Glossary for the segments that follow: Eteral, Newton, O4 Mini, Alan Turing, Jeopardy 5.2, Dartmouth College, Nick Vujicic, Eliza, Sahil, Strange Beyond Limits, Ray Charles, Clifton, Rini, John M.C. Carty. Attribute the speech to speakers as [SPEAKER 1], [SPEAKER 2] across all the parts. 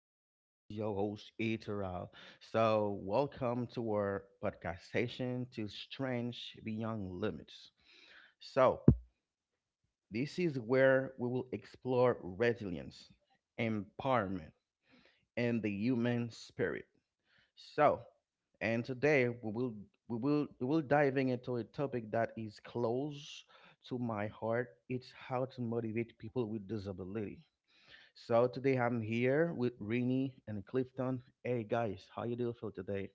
[SPEAKER 1] Here he's your host, Eteral. So, welcome to our podcast session to Strange Beyond Limits. So, this is where we will explore resilience, empowerment, and the human spirit. So, and today we will diving into a topic that is close to my heart. It's how to motivate people with disability. So today I'm here with Rini and Clifton. Hey guys, how you do feel today?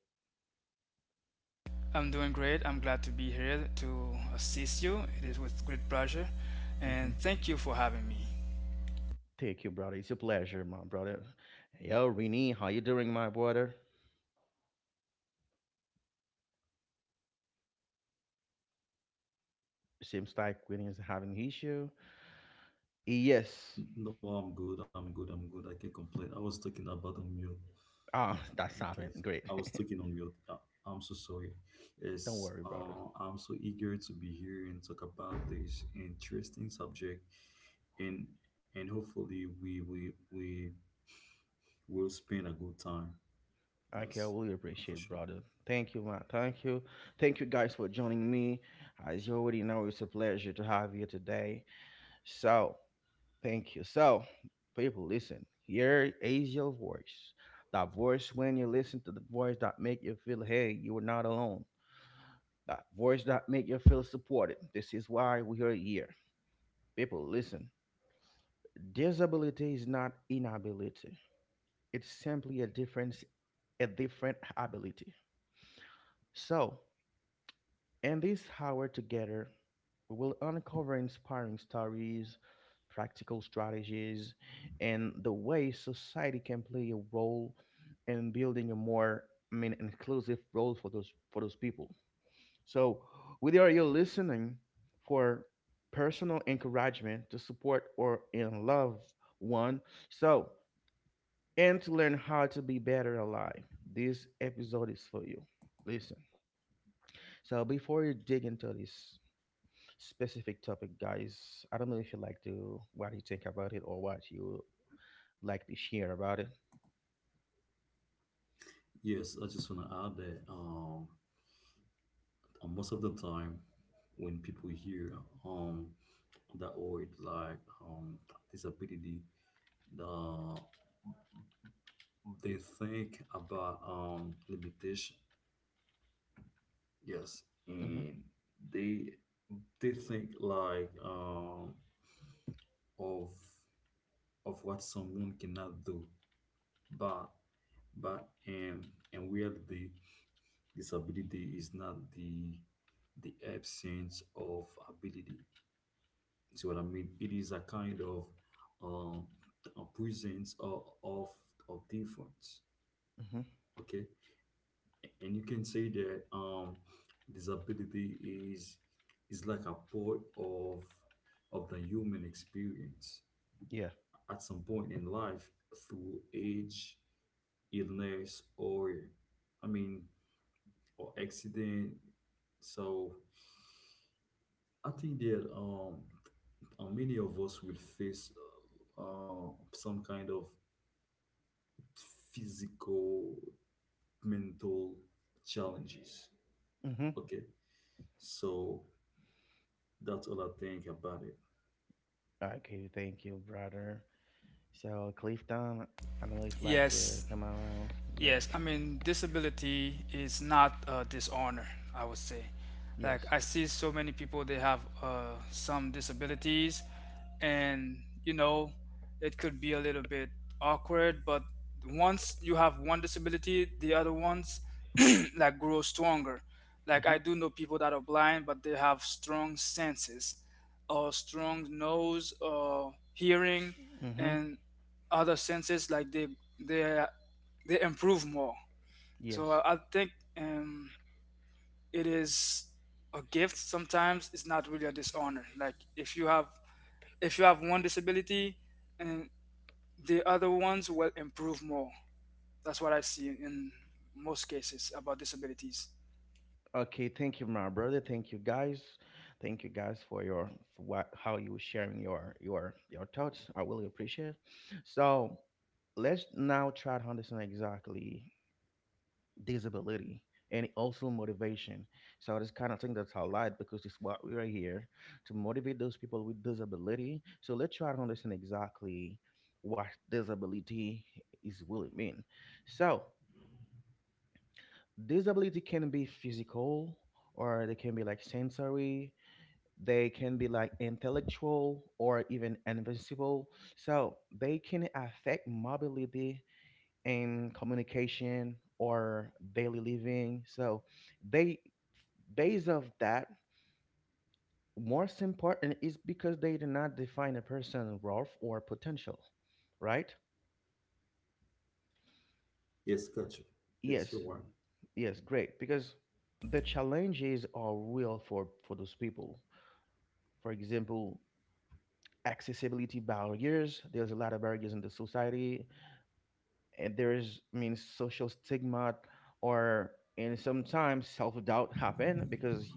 [SPEAKER 2] I'm doing great. I'm glad to be here to assist you. It is with great pleasure. And
[SPEAKER 1] Hmm.
[SPEAKER 2] thank you for having me.
[SPEAKER 1] Thank you, brother. It's a pleasure, my brother. Yo, Rini, how you doing, my brother? Seems like Rini is having issue. Eh, yes.
[SPEAKER 3] No, I'm good. I'm good. I'm good. I can't complain. I was talking about on mute.
[SPEAKER 1] Ah, that's
[SPEAKER 3] Okay.
[SPEAKER 1] happened. Great.
[SPEAKER 3] I was talking on mute. I'm so sorry.
[SPEAKER 1] Don't
[SPEAKER 3] Yes,
[SPEAKER 1] worry, brother.
[SPEAKER 3] I'm so eager to be here and talk about this interesting subject, and hopefully we will spend a good time.
[SPEAKER 1] Okay, I
[SPEAKER 3] Yes,
[SPEAKER 1] really
[SPEAKER 3] oh, for
[SPEAKER 1] appreciate,
[SPEAKER 3] sure.
[SPEAKER 1] brother. Thank you, man. Thank you. Thank you guys for joining me. As you already know, it's a pleasure to have you today. So thank you. So, people, listen. Here is your voice. That voice when you listen to the voice that make you feel, hey, you are not alone. That voice that make you feel supported. This is why we are here. People, listen. Disability is not inability. It's simply a difference, a different ability. So, in this hour together, we will uncover inspiring stories, practical strategies, and the way society can play a role in building a more, inclusive role for those people. So, whether you're listening for personal encouragement to support or in love one, so and to learn how to be better alive, this episode is for you. Listen. So before you dig into this specific topic, guys, I don't know if you like to what you think about it or what you like to share about it.
[SPEAKER 3] Yes, I just want to add that most of the time when people hear um that word like um disability, the they think about limitation, yes,
[SPEAKER 1] Mm-hmm.
[SPEAKER 3] and they they think like of of what someone cannot do, but but and where the disability is not the absence of ability. See what I mean? It is a kind of um a presence of difference.
[SPEAKER 1] Mm-hmm.
[SPEAKER 3] Okay. And you can say that disability is like a part of the human experience
[SPEAKER 1] Yeah.
[SPEAKER 3] at some point in life, through age, illness, i mean or accident. So I think that many of us will face some kind of physical, mental challenges.
[SPEAKER 1] Mm-hmm.
[SPEAKER 3] Okay. So that's all I think about it.
[SPEAKER 1] Okay. Thank you, brother. So, Clifton, I don't know if you like to
[SPEAKER 2] Yes.
[SPEAKER 1] come around. Yeah.
[SPEAKER 2] Yes, I mean, disability is not a dishonor, I would say. Like,
[SPEAKER 1] Yes.
[SPEAKER 2] I see so many people, they have some disabilities, and you know, it could be a little bit awkward, but once you have one disability, the other ones like grow stronger. Like, I do know people that are blind, but they have strong senses, or strong nose, or hearing,
[SPEAKER 1] Mm-hmm. Mm-hmm.
[SPEAKER 2] and other senses like they they improve more. So
[SPEAKER 1] Yes.
[SPEAKER 2] I think um, it is a gift. Sometimes it's not really a dishonor. Like if you have one disability, and the other ones will improve more. That's what I see in most cases about disabilities.
[SPEAKER 1] Okay. Thank you, my brother. Thank you, guys. Thank you, guys, for your for what how you sharing your your thoughts. I really appreciate. So, let's now try to understand exactly disability and also motivation. So I just kind of think that's how light, because it's what we are here to motivate those people with disability. So let's try to understand exactly what disability is really mean. So disability can be physical, or they can be like sensory, they can be like intellectual or even invisible. So they can affect mobility in communication or daily living. So they based of that, most important is because they do not define a person worth or potential, right?
[SPEAKER 3] Yes, gotcha. Yes,
[SPEAKER 1] Yes,
[SPEAKER 3] you're right.
[SPEAKER 1] yes, great. Because the challenges are real for those people. For example, accessibility barriers. There's a lot of barriers in the society, and there is, social stigma or, and sometimes self doubt happen because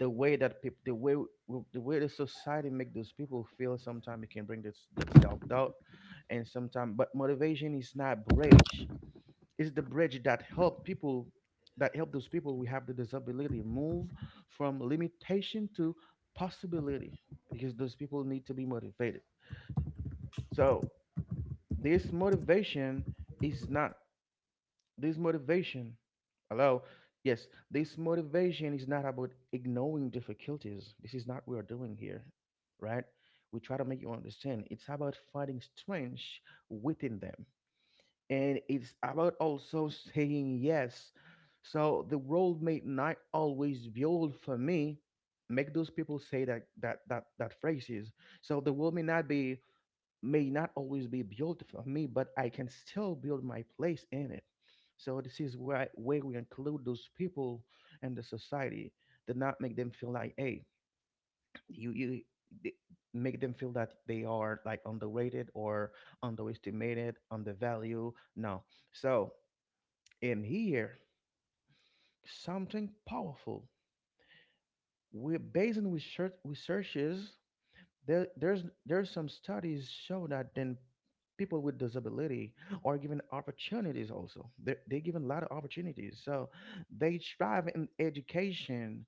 [SPEAKER 1] the way that people, the way the way the society make those people feel sometimes, it can bring this that self doubt. And sometimes but motivation is not bridge, it's the bridge that help people, that help those people we have the disability move from limitation to possibility, because those people need to be motivated. So this motivation is not, this motivation, hello, yes, this motivation is not about ignoring difficulties. This is not what we're doing here, right? We try to make you understand it's about finding strength within them, and it's about also saying yes. So the world may not always build for me. Make those people say that that phrases. So the world may not be, may not always be built for me, but I can still build my place in it. So this is where we include those people in the society, to not make them feel like, hey, you you th- make them feel that they are like underrated or underestimated, undervalued. No. So in here, something powerful. We're based on researches. There, there's some studies show that then people with disability are given opportunities also. They're given a lot of opportunities. So they thrive in education,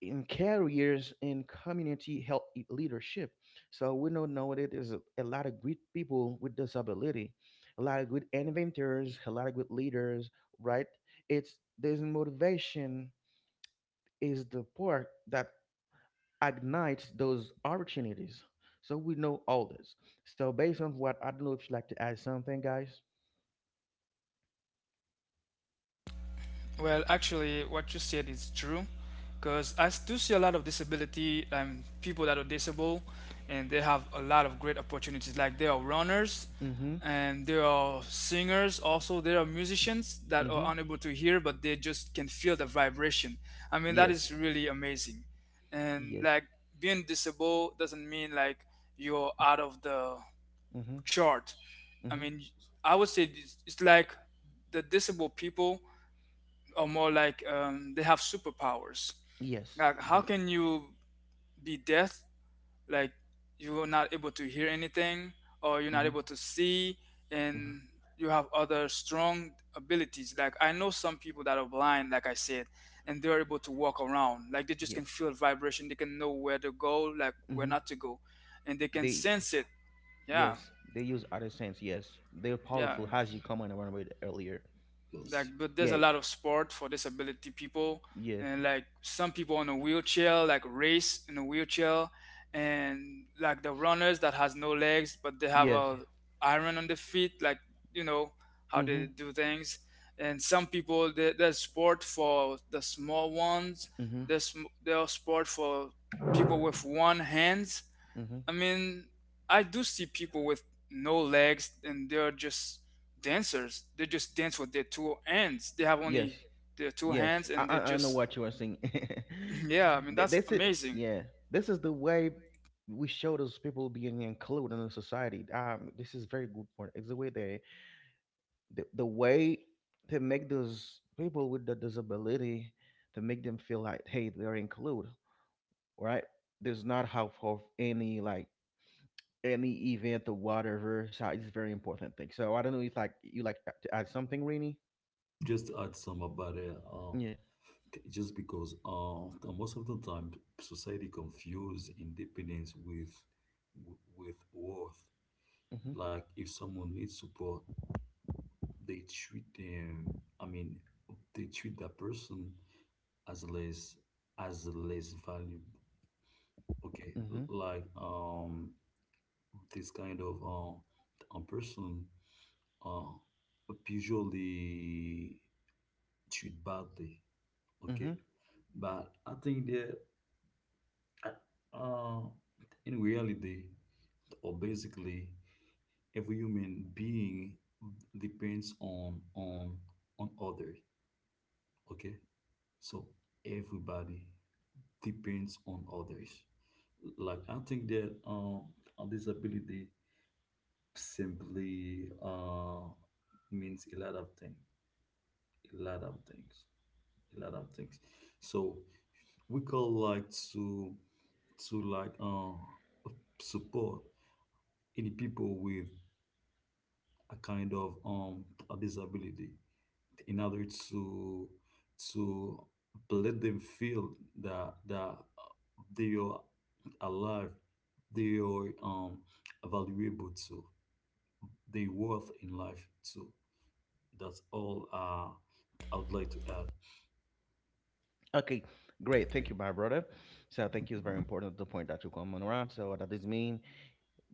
[SPEAKER 1] in careers, in community help e, leadership. So we know now that there's a lot of great people with disability, a lot of good inventors, a lot of good leaders, right? It's there's motivation is the part that ignites those opportunities. So we know all this. So based on what, I don't know if you'd like to add something, guys.
[SPEAKER 2] Well, actually, what you said is true, because I do see a lot of disability people that are disabled, and they have a lot of great opportunities. Like they are runners,
[SPEAKER 1] Mm-hmm.
[SPEAKER 2] and there are singers. Also, there are musicians that
[SPEAKER 1] Mm-hmm.
[SPEAKER 2] are unable to hear, but they just can feel the vibration. I mean, that
[SPEAKER 1] Yes.
[SPEAKER 2] is really amazing. And
[SPEAKER 1] Yes.
[SPEAKER 2] like being disabled doesn't mean like you're out of the
[SPEAKER 1] Mm-hmm.
[SPEAKER 2] chart. I
[SPEAKER 1] Mm-hmm.
[SPEAKER 2] mean, I would say it's like the disabled people or more like they have superpowers.
[SPEAKER 1] Yes.
[SPEAKER 2] Like, how
[SPEAKER 1] Great.
[SPEAKER 2] can you be deaf? Like, you're not able to hear anything, or you're not
[SPEAKER 1] Mm-hmm.
[SPEAKER 2] able to see,
[SPEAKER 1] Mm-hmm.
[SPEAKER 2] and you have other strong abilities. Like, I know some people that are blind, like I said, and they're able to walk around. Like, they just
[SPEAKER 1] Yeah.
[SPEAKER 2] can feel vibration. They can know where to go, like where
[SPEAKER 1] Mm-hmm.
[SPEAKER 2] not to go, and they can
[SPEAKER 1] They
[SPEAKER 2] sense it. Yeah,
[SPEAKER 1] yes, they use other sense, yes. They're
[SPEAKER 2] yeah.
[SPEAKER 1] powerful as you comment around with earlier.
[SPEAKER 2] Like,
[SPEAKER 3] Yes.
[SPEAKER 2] but there's a
[SPEAKER 1] Yeah.
[SPEAKER 2] lot of sport for disability people,
[SPEAKER 1] Yeah.
[SPEAKER 2] and like some people on a wheelchair like race in a wheelchair, and like the runners that has no legs but they have
[SPEAKER 1] Yes.
[SPEAKER 2] a iron on the feet, like, you know, how
[SPEAKER 1] Mm-hmm.
[SPEAKER 2] they do things. And some people there's sport for the small ones.
[SPEAKER 1] Mm-hmm.
[SPEAKER 2] there's there's sport for people with one hands.
[SPEAKER 1] Mm-hmm.
[SPEAKER 2] I mean, I do see people with no legs and they're just dancers. They just dance with their two hands. They have only
[SPEAKER 1] Yes.
[SPEAKER 2] their two
[SPEAKER 1] Yes,
[SPEAKER 2] hands
[SPEAKER 1] I
[SPEAKER 2] and
[SPEAKER 1] I,
[SPEAKER 2] they
[SPEAKER 1] I know
[SPEAKER 2] just,
[SPEAKER 1] what you are saying.
[SPEAKER 2] yeah, I mean, that's
[SPEAKER 1] This is
[SPEAKER 2] amazing.
[SPEAKER 1] yeah. This is the way we show those people being included in the society. This is very good point. It's the way they, the way to make those people with the disability, to make them feel like hey they're included, right? There's not half of any like any event or whatever. So it's very important thing. So I don't know if like you like to add something, Rainy.
[SPEAKER 3] Just to add some about it.
[SPEAKER 1] Yeah.
[SPEAKER 3] Just because the most of the time society confuse independence with worth.
[SPEAKER 1] Mhm.
[SPEAKER 3] Like if someone needs support, they treat them. I mean, they treat that person as less, as less valuable. Okay, like this kind of person, oh, usually treat badly. Okay,
[SPEAKER 1] Mhm.
[SPEAKER 3] but I think that uh, uh, in reality, or basically, every human being depends on others. Okay, so everybody depends on others. Like I think that a disability simply means a lot of things, a lot of things, a lot of things. So we call like to to like support any people with a kind of a disability in order to let them feel that they are alive, they are valuable too, they worth in life too. That's all I would like to add.
[SPEAKER 1] Okay, great. Thank you, my brother. So thank you is very important the point that you come on around. So that is mean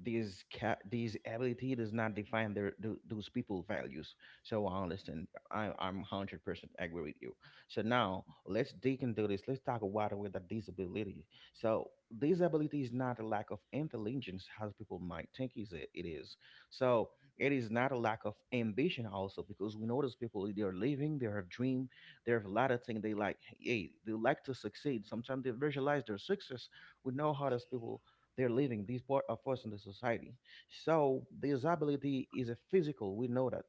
[SPEAKER 1] these ability does not define their those people values. So I understand, I'm 100% agree with you. So now let's dig into this, let's talk about with the disability. So disability is not a lack of intelligence as people might think is it, it is. So it is not a lack of ambition also, because we know those people they're living, they have dream, they have a lot of things, they like hey they like to succeed, sometimes they visualize their success. We know how those people they're living these part of us in the society. So disability is a physical, we know that.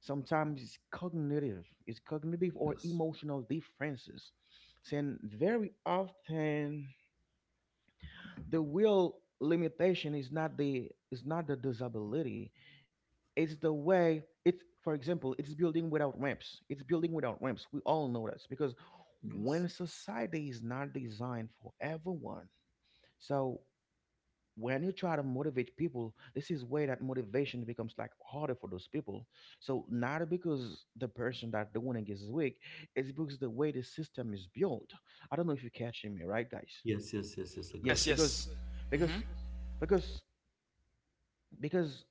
[SPEAKER 1] Sometimes it's cognitive or
[SPEAKER 3] Yes,
[SPEAKER 1] emotional differences. And very often the real limitation is not the disability. It's the way. It's, for example, it's building without ramps. We all know this, because when society is not designed for everyone. So when you try to motivate people, this is where that motivation becomes like harder for those people. So not because the person that the winning is weak, it's because the way the system is built. I don't know if you're catching me, right, guys?
[SPEAKER 3] yes, yes, yes, yes, yes, I got you.
[SPEAKER 1] Yes,
[SPEAKER 2] Yes,
[SPEAKER 1] because
[SPEAKER 2] yes.
[SPEAKER 1] because
[SPEAKER 2] Hmm.
[SPEAKER 1] because because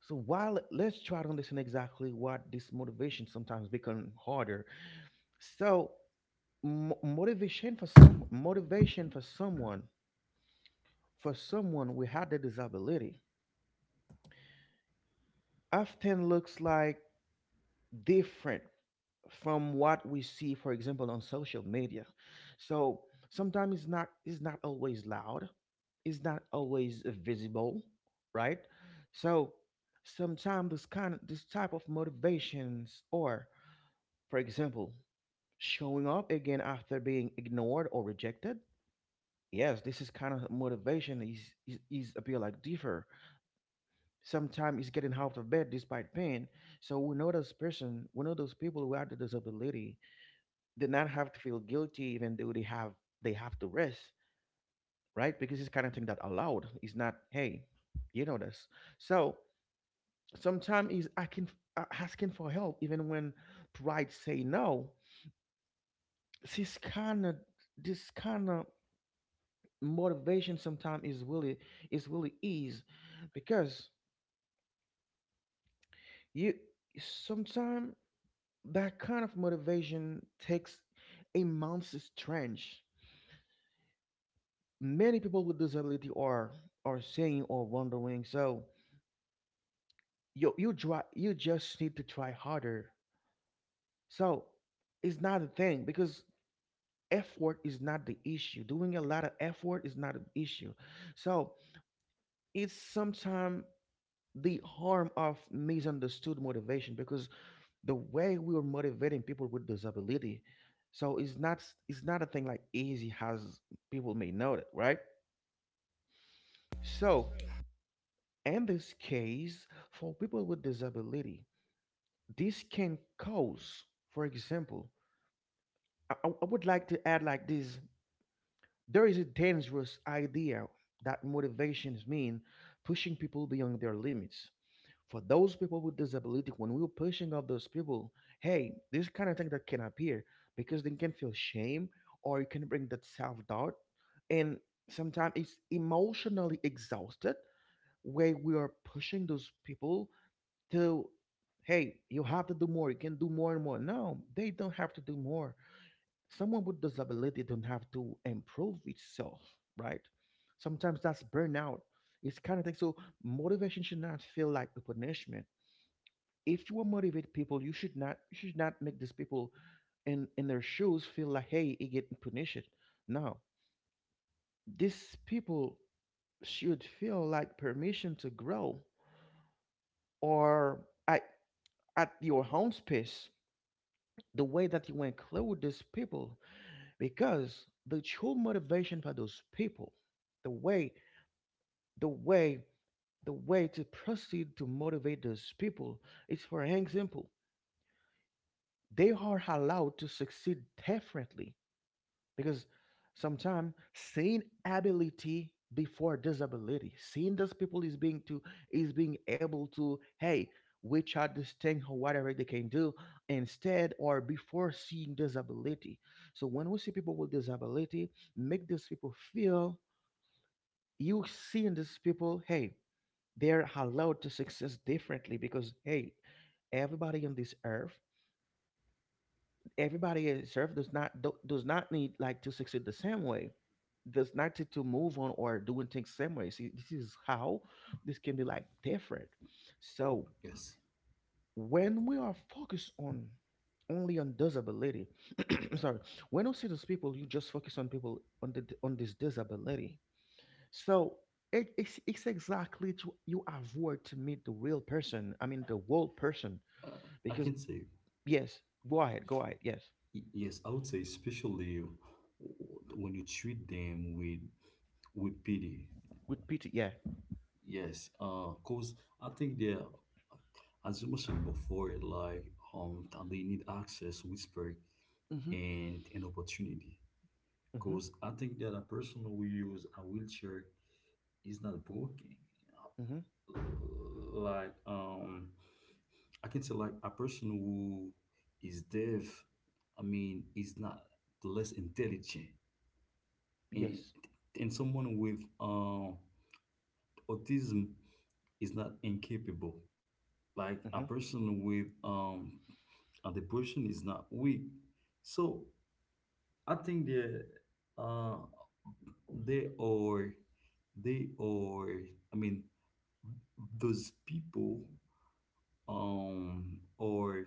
[SPEAKER 1] so while let's try to understand exactly what this motivation sometimes become harder. So motivation for someone, for someone without the disability, often looks like different from what we see, for example, on social media. So sometimes it's not always loud, it's not always visible, right? So sometimes this kind of, this type of motivations, or, for example, showing up again after being ignored or rejected. Yes, this is kind of motivation is, is appear like differ. Sometimes it's getting out of bed despite pain. So we know those person, we know those people who have the disability, did not have to feel guilty, even though they have, they have to risk, right? Because it's kind of thing that allowed, it's not hey you know this. So sometimes is I can, asking for help even when pride say no. This kind of, this kind of motivation sometimes is really, is really ease, because you sometimes, that kind of motivation takes a month's strength. Many people with disability are saying or wondering, so you try, you just need to try harder. So it's not a thing, because effort is not the issue, doing a lot of effort is not an issue. So it's sometimes the harm of misunderstood motivation, because the way we are motivating people with disability. So it's not, it's not a thing like easy as people may know it, right? So in this case, for people with disability, this can cause, for example, I would like to add like this, there is a dangerous idea that motivations mean pushing people beyond their limits. For those people with disability, when we're pushing up those people, hey, this kind of thing that can appear because they can feel shame or it can bring that self doubt. And sometimes it's emotionally exhausted where we are pushing those people to, hey, you have to do more, you can do more and more. No, they don't have to do more. Someone with disability don't have to improve itself, right? Sometimes that's burnout. It's kind of thing. So motivation should not feel like a punishment. If you want to motivate people, you should not, you should not make these people in their shoes feel like, hey, it getting punished. No, these people should feel like permission to grow, or at, at your own pace, the way that you include these people. Because the true motivation for those people, the way, the way, the way to proceed to motivate those people is, for example, they are allowed to succeed differently. Because sometimes seeing ability before disability, seeing those people is being to, is being able to, hey, which are this thing or whatever they can do, instead or before seeing disability. So when we see people with disability, make these people feel, you seeing these people, hey, they're allowed to success differently. Because, hey, everybody on this earth, everybody is served does not do, does not need like to succeed the same way, does not need to move on or doing things same way. See, this is how this can be like different. So
[SPEAKER 3] Yes,
[SPEAKER 1] when we are focused on, only on disability, sorry, when you see those people, you just focus on people on the on this disability. So it's exactly to you avoid to meet the real person, I mean the world person,
[SPEAKER 3] uh, I
[SPEAKER 1] because
[SPEAKER 3] can say,
[SPEAKER 1] yes, go ahead, go ahead, yes.
[SPEAKER 3] Yes, I would say, especially when you treat them with pity.
[SPEAKER 1] With Peter, yeah.
[SPEAKER 3] Yes, cause I think as you mentioned before, like that they need access, respect,
[SPEAKER 1] Hmm.
[SPEAKER 3] and an opportunity.
[SPEAKER 1] Mm-hmm.
[SPEAKER 3] Cause I think that a person who use a wheelchair is not broken.
[SPEAKER 1] Mm-hmm.
[SPEAKER 3] Like I can say like a person who is deaf, I mean, is not less intelligent, and
[SPEAKER 1] Yes.
[SPEAKER 3] someone with autism is not incapable, like a
[SPEAKER 1] Mm-hmm.
[SPEAKER 3] person with a depression is not weak. So I think the uh they are they are I mean those people, um or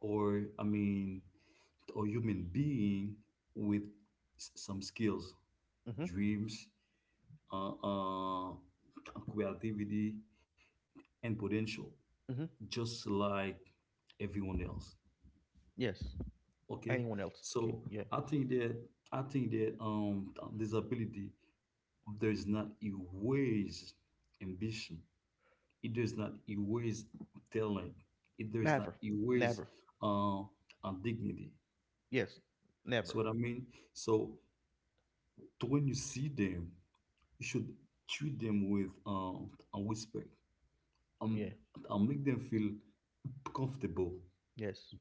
[SPEAKER 3] or I mean or human being with some skills,
[SPEAKER 1] Mm-hmm.
[SPEAKER 3] dreams, uh, uh creativity, and potential,
[SPEAKER 1] Mm-hmm.
[SPEAKER 3] just like everyone else.
[SPEAKER 1] Yes.
[SPEAKER 3] Okay,
[SPEAKER 1] Anyone else? Okay.
[SPEAKER 3] so
[SPEAKER 1] Yeah.
[SPEAKER 3] I think that disability does not erase ambition. It does not erase talent. It does not
[SPEAKER 1] Never.
[SPEAKER 3] erase
[SPEAKER 1] Never.
[SPEAKER 3] dignity.
[SPEAKER 1] Yes.
[SPEAKER 3] So
[SPEAKER 1] Never.
[SPEAKER 3] what I mean. So to when you see them, you should treat them with a respect.
[SPEAKER 1] Yeah.
[SPEAKER 3] Um, and make them feel comfortable,
[SPEAKER 1] Yes.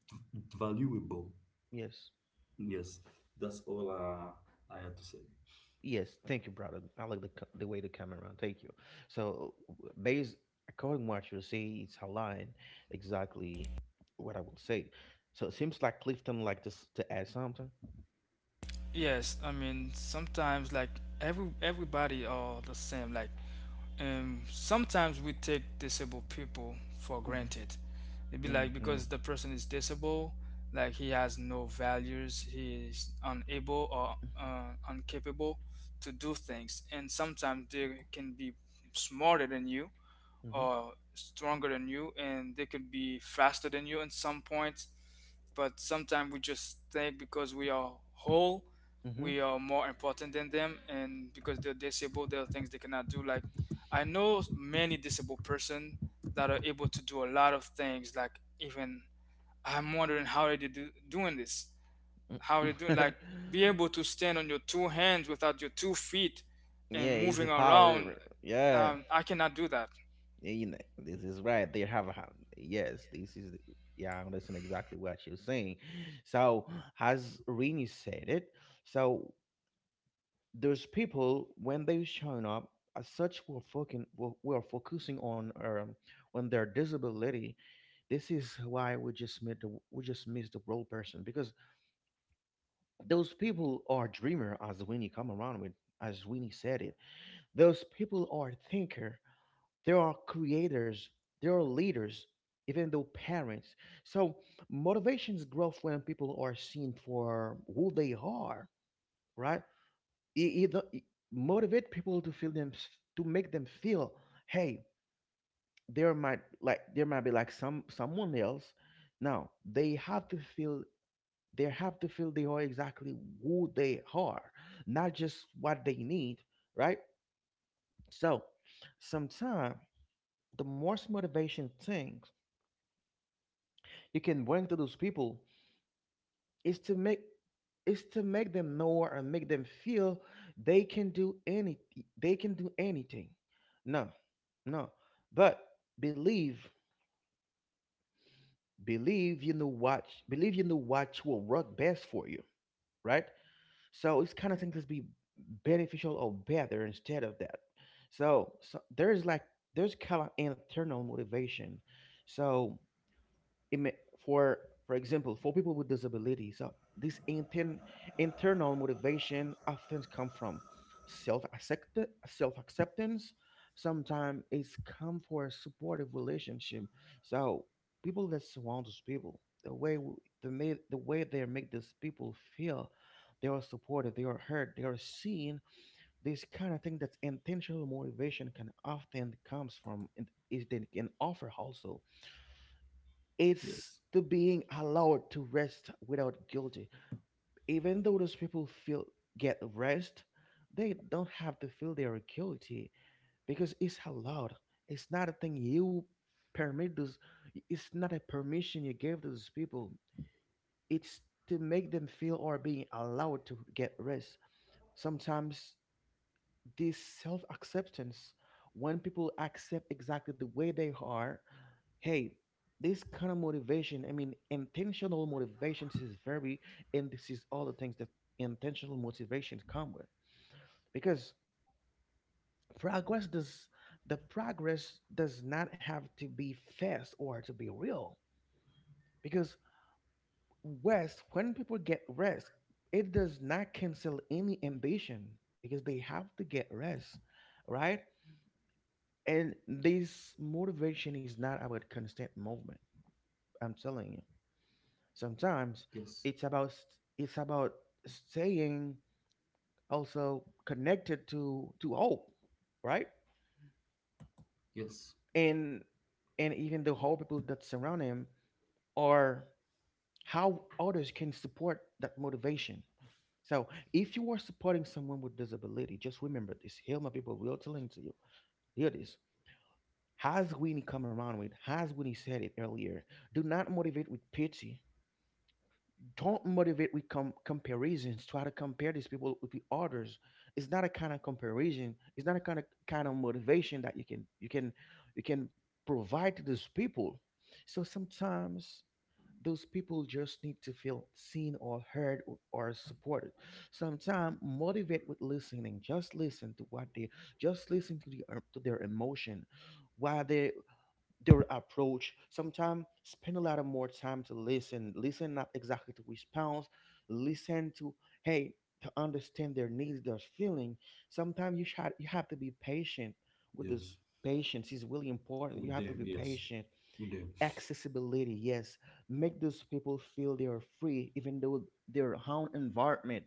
[SPEAKER 3] valuable.
[SPEAKER 1] Yes.
[SPEAKER 3] Yes, that's all I had to say.
[SPEAKER 1] Yes. Thank you, brother. I like the co- the way the camera around. Thank you. So, based, according to what you say, it's aligned exactly what I will say. So it seems like Clifton like this to add something.
[SPEAKER 2] Yes, I mean sometimes like everybody are the same. Like sometimes we take disabled people for granted.
[SPEAKER 1] Mm-hmm.
[SPEAKER 2] It'd be like
[SPEAKER 1] Mm-hmm.
[SPEAKER 2] because the person is disabled, like he has no values, he is unable or
[SPEAKER 1] Mm-hmm.
[SPEAKER 2] incapable to do things, and sometimes they can be smarter than you, are stronger than you, and they could be faster than you in some points. But sometimes we just think because we are whole,
[SPEAKER 1] Mm-hmm.
[SPEAKER 2] we are more important than them, and because they're disabled there are things they cannot do. Like, I know many disabled person that are able to do a lot of things. Like, even I'm wondering how are they doing this. How are they do, like, be
[SPEAKER 1] Mm-hmm.
[SPEAKER 2] able to stand on your two hands without your two feet
[SPEAKER 1] Yeah,
[SPEAKER 2] and
[SPEAKER 1] it's
[SPEAKER 2] moving
[SPEAKER 1] a
[SPEAKER 2] around.
[SPEAKER 1] power. Yeah.
[SPEAKER 2] I cannot do that.
[SPEAKER 1] Yeah, you know, this is right. They have a, yes. This is, yeah. I understand exactly what you're saying. So as Rini said it, so those people when they showing up as such, we're fucking we're focusing on their disability. This is why we just met the, we just missed the role person, because those people are dreamer as Winnie come around with, as Winnie said it. Those people are thinker, there are creators, there are leaders, even though parents. So motivations grow when people are seen for who they are, right? It, don't- it motivate people to feel them, to make them feel, hey, there might like there might be like some someone else. Now they have to feel, they have to feel they are exactly who they are, not just what they need, right? So sometimes the most motivation thing you can bring to those people is to make, is to make them know and make them feel they can do any, they can do anything. No, no. But believe, believe you know what, believe you know what will work best for you, right? So it's kind of thing that's be beneficial or better instead of that. So, so there's like there's kind of internal motivation. So ima- for for example, for people with disabilities, this inten, internal motivation often come from self, self acceptance. Sometimes it's come for a supportive relationship. So people that surround those people, the way the may, the way they make these people feel, they are supported, they are heard, they are seen, this kind of thing that's intentional motivation can often comes from. And is, they can offer also, it's
[SPEAKER 3] Yes,
[SPEAKER 1] the being allowed to rest without guilty. Even though those people feel get rest, they don't have to feel they are guilty because it's allowed. It's not a thing you permit those. It's not a permission you gave those people. It's to make them feel or being allowed to get rest. Sometimes this self acceptance, when people accept exactly the way they are, hey, this kind of motivation, I mean intentional motivation, this is very, and this is all the things that intentional motivations come with. Because progress does, the progress does not have to be fast or to be real. Because rest, when people get rest, it does not cancel any ambition, because they have to get rest, right? And this motivation is not about constant movement, I'm telling you.
[SPEAKER 3] yes,
[SPEAKER 1] Sometimes it's about it's about staying also connected to hope, right?
[SPEAKER 3] yes,
[SPEAKER 1] and and even the whole people that surround him are, how others can support that motivation. So if you are supporting someone with disability, just remember this, here my people will telling to you, hear this, has Winnie come around with, has Winnie said it earlier, do not motivate with pity, don't motivate with comparisons. Try to compare these people with the others. It's not a kind of comparison. It's not a kind of motivation that you can, you can, you can provide to those people. So sometimes those people just need to feel seen or heard or supported. Sometimes motivate with listening. Just listen to what they, just listen to the, to their emotion while they, their approach. Sometimes spend a lot of more time to listen. Listen not exactly to response. Listen to, hey, to understand their needs, their feeling. Sometimes you should, you have to be patient with this.
[SPEAKER 3] yes.
[SPEAKER 1] Patience is really important. You
[SPEAKER 3] With
[SPEAKER 1] have to be
[SPEAKER 3] them, yes,
[SPEAKER 1] patient.
[SPEAKER 3] with them.
[SPEAKER 1] Accessibility, yes, make those people feel they are free, even though their own environment.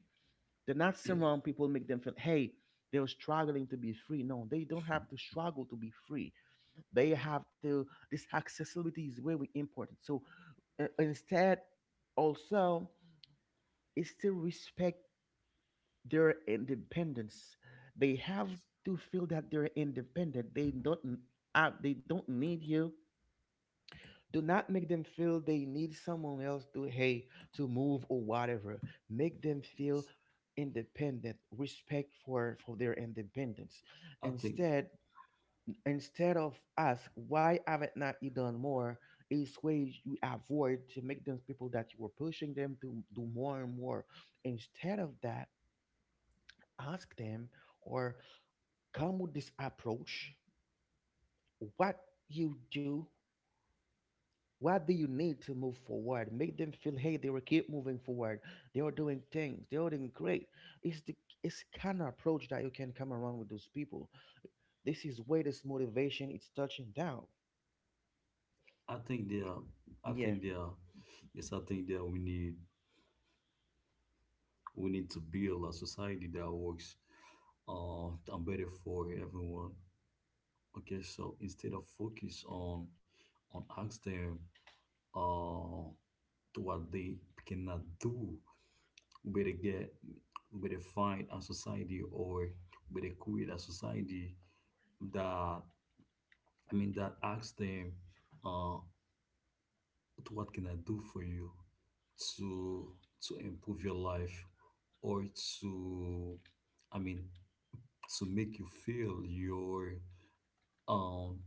[SPEAKER 1] They're not
[SPEAKER 3] Eh,
[SPEAKER 1] surround people make them feel, hey, they're struggling to be free. No, they don't have to struggle to be free. They have to, this accessibility is very important. So instead, also, is to respect their independence. They have to feel that they're independent. They don't need you. Do not make them feel they need someone else to, hey, to move or whatever. Make them
[SPEAKER 3] yes,
[SPEAKER 1] feel independent, respect for their independence.
[SPEAKER 3] I think,
[SPEAKER 1] Instead, instead of ask why haven't not you done more, is ways you avoid to make those people that you were pushing them to do more and more. Instead of that, ask them, or come with this approach. What you do, what do you need to move forward? Make them feel, hey, they will keep moving forward. They are doing things, they are doing great. It's the, it's kind of approach that you can come around with those people. This is where this motivation is touching down.
[SPEAKER 3] I think they are, I
[SPEAKER 1] Yeah.
[SPEAKER 3] think they are. Yes, I think that we need to build a society that works, and better for everyone. Okay, so instead of focus on ask them, uh, to what they cannot do, with a get with a find a society or with a create a society that asks them, uh what can I do for you to improve your life, or to I mean to make you feel your um,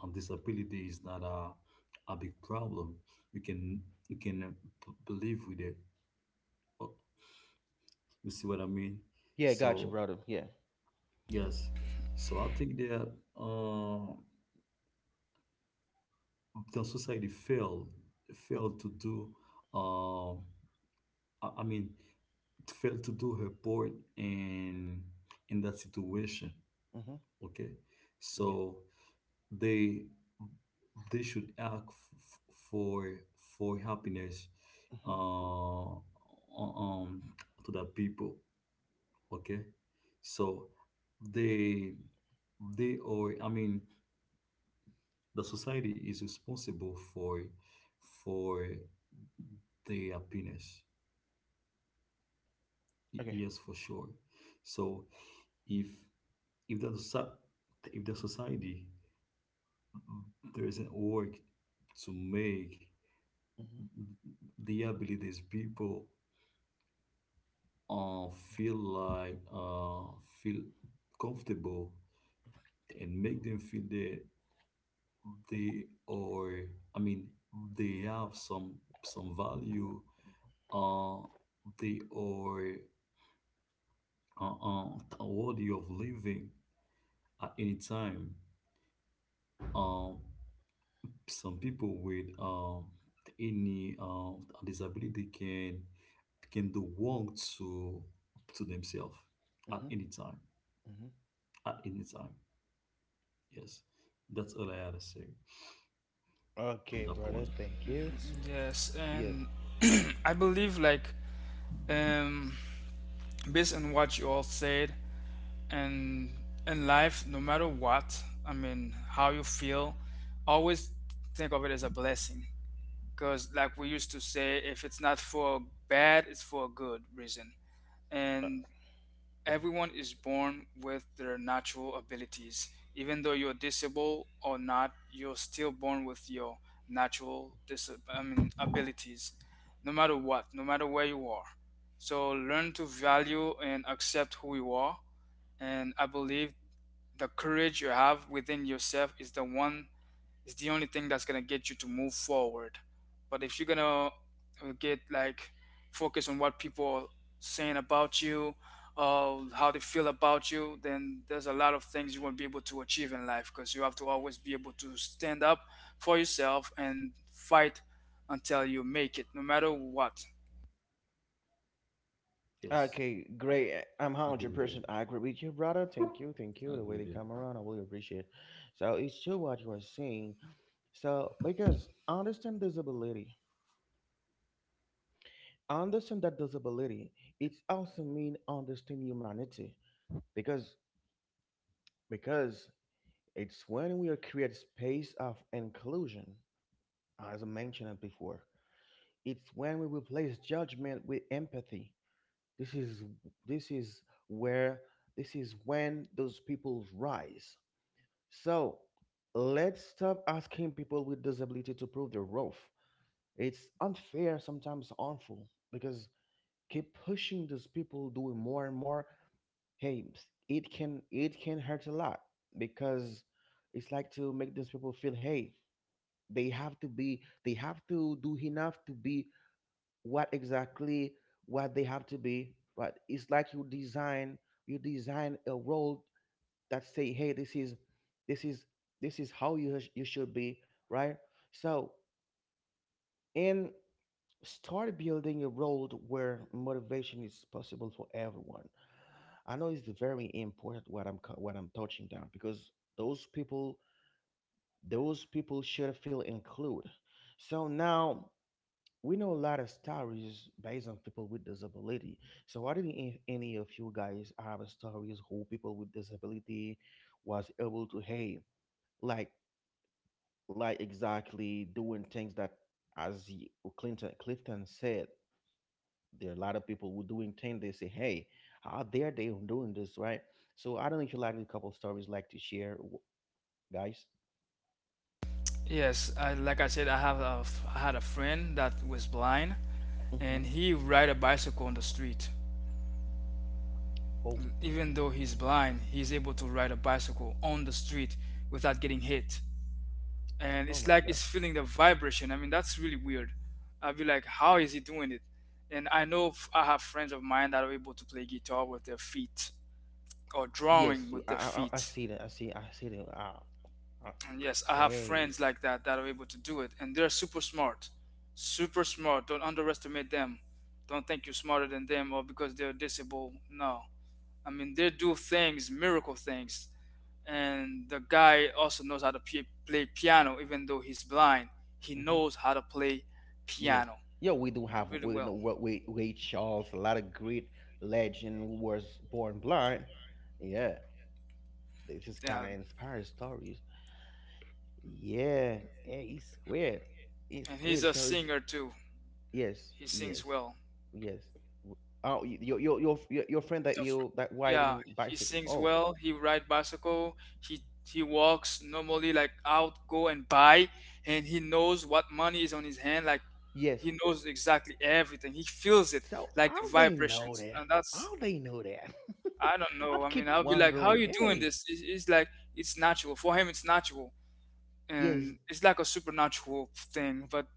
[SPEAKER 3] disability is not a a big problem. You can believe with it. Oh, you see what I mean?
[SPEAKER 1] Yeah, got you,
[SPEAKER 3] So
[SPEAKER 1] brother. Yeah.
[SPEAKER 3] yes. So I think that uh, the society
[SPEAKER 1] Mm,
[SPEAKER 3] failed to do uh, I mean failed to do her part in that situation.
[SPEAKER 1] mhm,
[SPEAKER 3] Okay.
[SPEAKER 1] yeah.
[SPEAKER 3] So they they should act for for happiness,
[SPEAKER 1] Mhm.
[SPEAKER 3] uh, um to the people. Okay. So they they are, I mean, the society is responsible for their happiness. Y-
[SPEAKER 1] Okay.
[SPEAKER 3] yes, for sure. So if if the soci- if the society doesn't work to make
[SPEAKER 1] Mhm.
[SPEAKER 3] the abilities people uh, feel like feel comfortable and make them feel that they are, I mean, they have some value, uh, they are worthy of living at any time. Uh, some people with any disability can do wrong to themselves at
[SPEAKER 1] Mhm.
[SPEAKER 3] any time.
[SPEAKER 1] Mhm.
[SPEAKER 3] At any time, yes. That's all I had to say
[SPEAKER 1] Okay,
[SPEAKER 3] on that
[SPEAKER 1] brother.
[SPEAKER 3] point.
[SPEAKER 1] Thank you.
[SPEAKER 3] Yes,
[SPEAKER 2] Yes,
[SPEAKER 1] Yes.
[SPEAKER 2] and I believe like um based on what you all said, and in life, no matter what, I mean, how you feel, always think of it as a blessing. Cause like we used to say, if it's not for bad, it's for a good reason.
[SPEAKER 1] Uh,
[SPEAKER 2] And
[SPEAKER 1] mhm.
[SPEAKER 2] everyone is born with their natural abilities. Even though you're disabled or not, you're still born with your I mean, abilities, no matter what, no matter where you are. So learn to value and accept who you are. And I believe the courage you have within yourself is the one, it's the only thing that's gonna get you to move forward. But if you're gonna get like focus on what people are saying about you, how they feel about you, then there's a lot of things you won't be able to achieve in life, because you have to always be able to stand up for yourself and fight until you make it, no matter what.
[SPEAKER 3] yes.
[SPEAKER 1] Okay, great.
[SPEAKER 3] I
[SPEAKER 1] I'm
[SPEAKER 3] agree with
[SPEAKER 1] hundred
[SPEAKER 3] that.
[SPEAKER 1] percent agree with you, brother. Thank you,
[SPEAKER 3] I
[SPEAKER 1] thank you. The
[SPEAKER 3] agree
[SPEAKER 1] way
[SPEAKER 3] with
[SPEAKER 1] they
[SPEAKER 3] that.
[SPEAKER 1] come around, I really appreciate. So it's true what you are saying. So because understand disability, understand that disability, it's also mean understand humanity. because because it's when we create space of inclusion, as I mentioned it before, it's when we replace judgment with empathy, this is, this is where, this is when those people rise. So let's stop asking people with disability to prove their worth. It's unfair, sometimes harmful, because keep pushing those people doing more and more, hey, it can, it can hurt a lot. Because it's like to make those people feel, hey, they have to be, they have to do enough to be what exactly what they have to be. But it's like you design, you design a role that say, hey, this is, this is, this is how you you should be, right? So, and start building a world where motivation is possible for everyone. I know it's very important what I'm what I'm touching down, because those people, those people should feel included. So now we know a lot of stories based on people with disability. So why didn't any of you guys have a stories who people with disability was able to, hey, like like exactly doing things that as Clinton Clifton said, there are a lot of people who do intend they say, hey, how dare they on doing this, right? So I don't know if you like a couple stories like to share guys.
[SPEAKER 2] Yes, I, like I said, I have a, I had a friend that was blind,
[SPEAKER 1] Hmm.
[SPEAKER 2] and he ride a bicycle on the street.
[SPEAKER 1] Oh.
[SPEAKER 2] Even though he's blind, he's able to ride a bicycle on the street without getting hit. And
[SPEAKER 1] Oh
[SPEAKER 2] it's
[SPEAKER 1] my
[SPEAKER 2] like
[SPEAKER 1] god.
[SPEAKER 2] it's feeling the vibration. I mean, that's really weird. I'd be like, how is he doing it? And I know I have friends of mine that are able to play guitar with their feet or drawing
[SPEAKER 1] Yes
[SPEAKER 2] with
[SPEAKER 1] i
[SPEAKER 2] their
[SPEAKER 1] i, I I
[SPEAKER 2] feet.
[SPEAKER 1] see that, I see, I see that, uh,
[SPEAKER 2] And yes, I have
[SPEAKER 1] hey.
[SPEAKER 2] friends like that that are able to do it, and they're super smart. Super smart. Don't underestimate them. Don't think you're smarter than them or because they're disabled. No. I mean, they do things, miracle things. And the guy also knows how to play piano. Even though he's blind, he
[SPEAKER 1] Hmm.
[SPEAKER 2] knows how to play
[SPEAKER 1] Yes.
[SPEAKER 2] piano
[SPEAKER 1] Yeah, we do have,
[SPEAKER 2] really
[SPEAKER 1] we know
[SPEAKER 2] well.
[SPEAKER 1] what, we Ray Charles, a lot of great legend who was born blind. Yeah, this is kind
[SPEAKER 2] Yeah.
[SPEAKER 1] of inspired stories. Yeah, yeah, it's weird. It's
[SPEAKER 2] And he's
[SPEAKER 1] weird.
[SPEAKER 2] a
[SPEAKER 1] So
[SPEAKER 2] singer too.
[SPEAKER 1] yes,
[SPEAKER 2] He sings
[SPEAKER 1] yes,
[SPEAKER 2] well.
[SPEAKER 1] yes. W- Oh, your your friend that
[SPEAKER 2] A
[SPEAKER 1] you that
[SPEAKER 2] yeah,
[SPEAKER 1] riding
[SPEAKER 2] he
[SPEAKER 1] bicycle.
[SPEAKER 2] sings
[SPEAKER 1] Oh,
[SPEAKER 2] well, he ride bicycle, he walks normally, like out go and buy, and he knows what money is on his hand, like,
[SPEAKER 1] yes.
[SPEAKER 2] he knows exactly everything, he feels it,
[SPEAKER 1] So
[SPEAKER 2] like the
[SPEAKER 1] how they know
[SPEAKER 2] vibrations.
[SPEAKER 1] that?
[SPEAKER 2] And that's,
[SPEAKER 1] How they know that?
[SPEAKER 2] I don't
[SPEAKER 1] I
[SPEAKER 2] know. I mean,
[SPEAKER 1] keep
[SPEAKER 2] I'll be like, how are
[SPEAKER 1] wondering.
[SPEAKER 2] you doing
[SPEAKER 1] Hey,
[SPEAKER 2] this? It's like, it's natural. For him, it's natural.
[SPEAKER 1] yes,
[SPEAKER 2] And it's like a supernatural thing. But,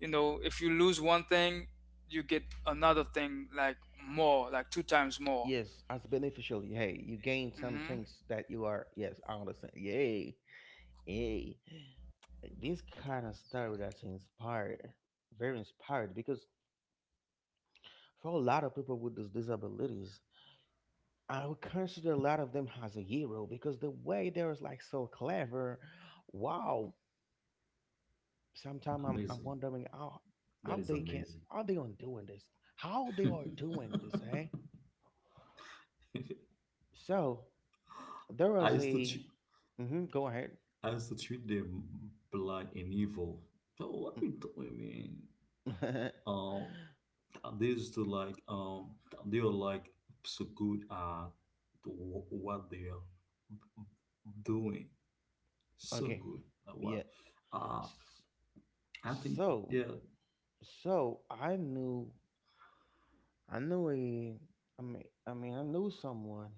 [SPEAKER 2] you know, if you lose one thing, you get another thing, like more, like two times more.
[SPEAKER 1] yes. As beneficial, hey, you gain some
[SPEAKER 2] Mm-hmm.
[SPEAKER 1] things that you are. Yes, I understand. Yay, yay. This kind of story that's inspired, very inspired, because for a lot of people with these disabilities, I would consider a lot of them as a hero because the way they was like so clever. Wow. Sometimes I'm
[SPEAKER 3] Amazing.
[SPEAKER 1] wondering how
[SPEAKER 3] That
[SPEAKER 1] how
[SPEAKER 3] is
[SPEAKER 1] they can,
[SPEAKER 3] amazing.
[SPEAKER 1] how they on doing this? How they are doing this, eh? So there
[SPEAKER 3] I
[SPEAKER 1] was
[SPEAKER 3] used to.
[SPEAKER 1] a, mm-hmm, go ahead.
[SPEAKER 3] Institute them blind and evil. So what we do I mean?
[SPEAKER 1] Mm.
[SPEAKER 3] Um, they used to like they are like so good at what they are doing. So
[SPEAKER 1] Okay.
[SPEAKER 3] good at what?
[SPEAKER 1] Yeah.
[SPEAKER 3] Uh,
[SPEAKER 1] S-
[SPEAKER 3] I think they're,
[SPEAKER 1] So so I knew a, I mean I knew someone.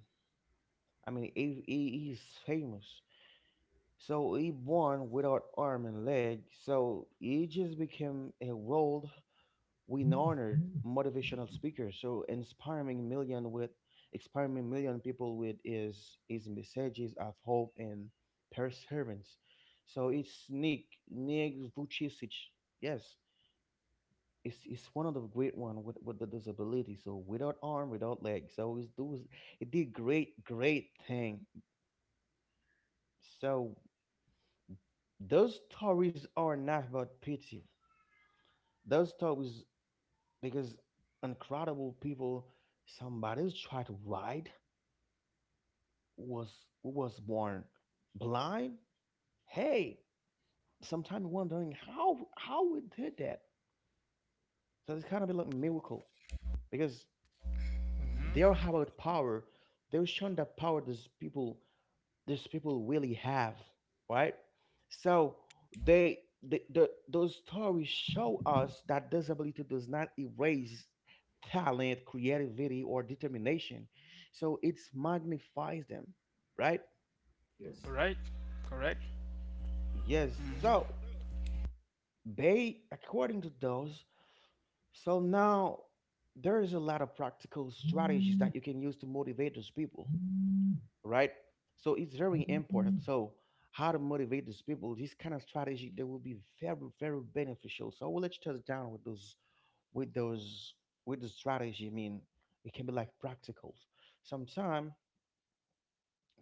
[SPEAKER 1] I mean he he's famous. So he born without arm and leg, so he just became a world renowned motivational speaker. So inspiring million people with his messages of hope and perseverance. So it's Nick Vujicic. Yes, it's one of the great one with the disability. So without arm, without leg. So he did great thing. So those stories are not about pity. Those stories, because incredible people somebody tried to write was was born blind. Hey, sometimes wondering how we did that. So it's kind of like miracle because they are
[SPEAKER 2] Mm-hmm.
[SPEAKER 1] about power. They were shown that power. These people really have, right? So those stories show us that disability does not erase talent, creativity, or determination. So it magnifies them, right?
[SPEAKER 3] yes,
[SPEAKER 2] Right. Correct.
[SPEAKER 1] Yes. So
[SPEAKER 2] Mm-hmm.
[SPEAKER 1] according to those, so now there is a lot of practical strategies that you can use to motivate those people. Right? So it's very important. So how to motivate these people? This kind of strategy that will be very, very beneficial. So I will let you touch down with those, with the strategy. I mean, it can be like practicals. Sometime,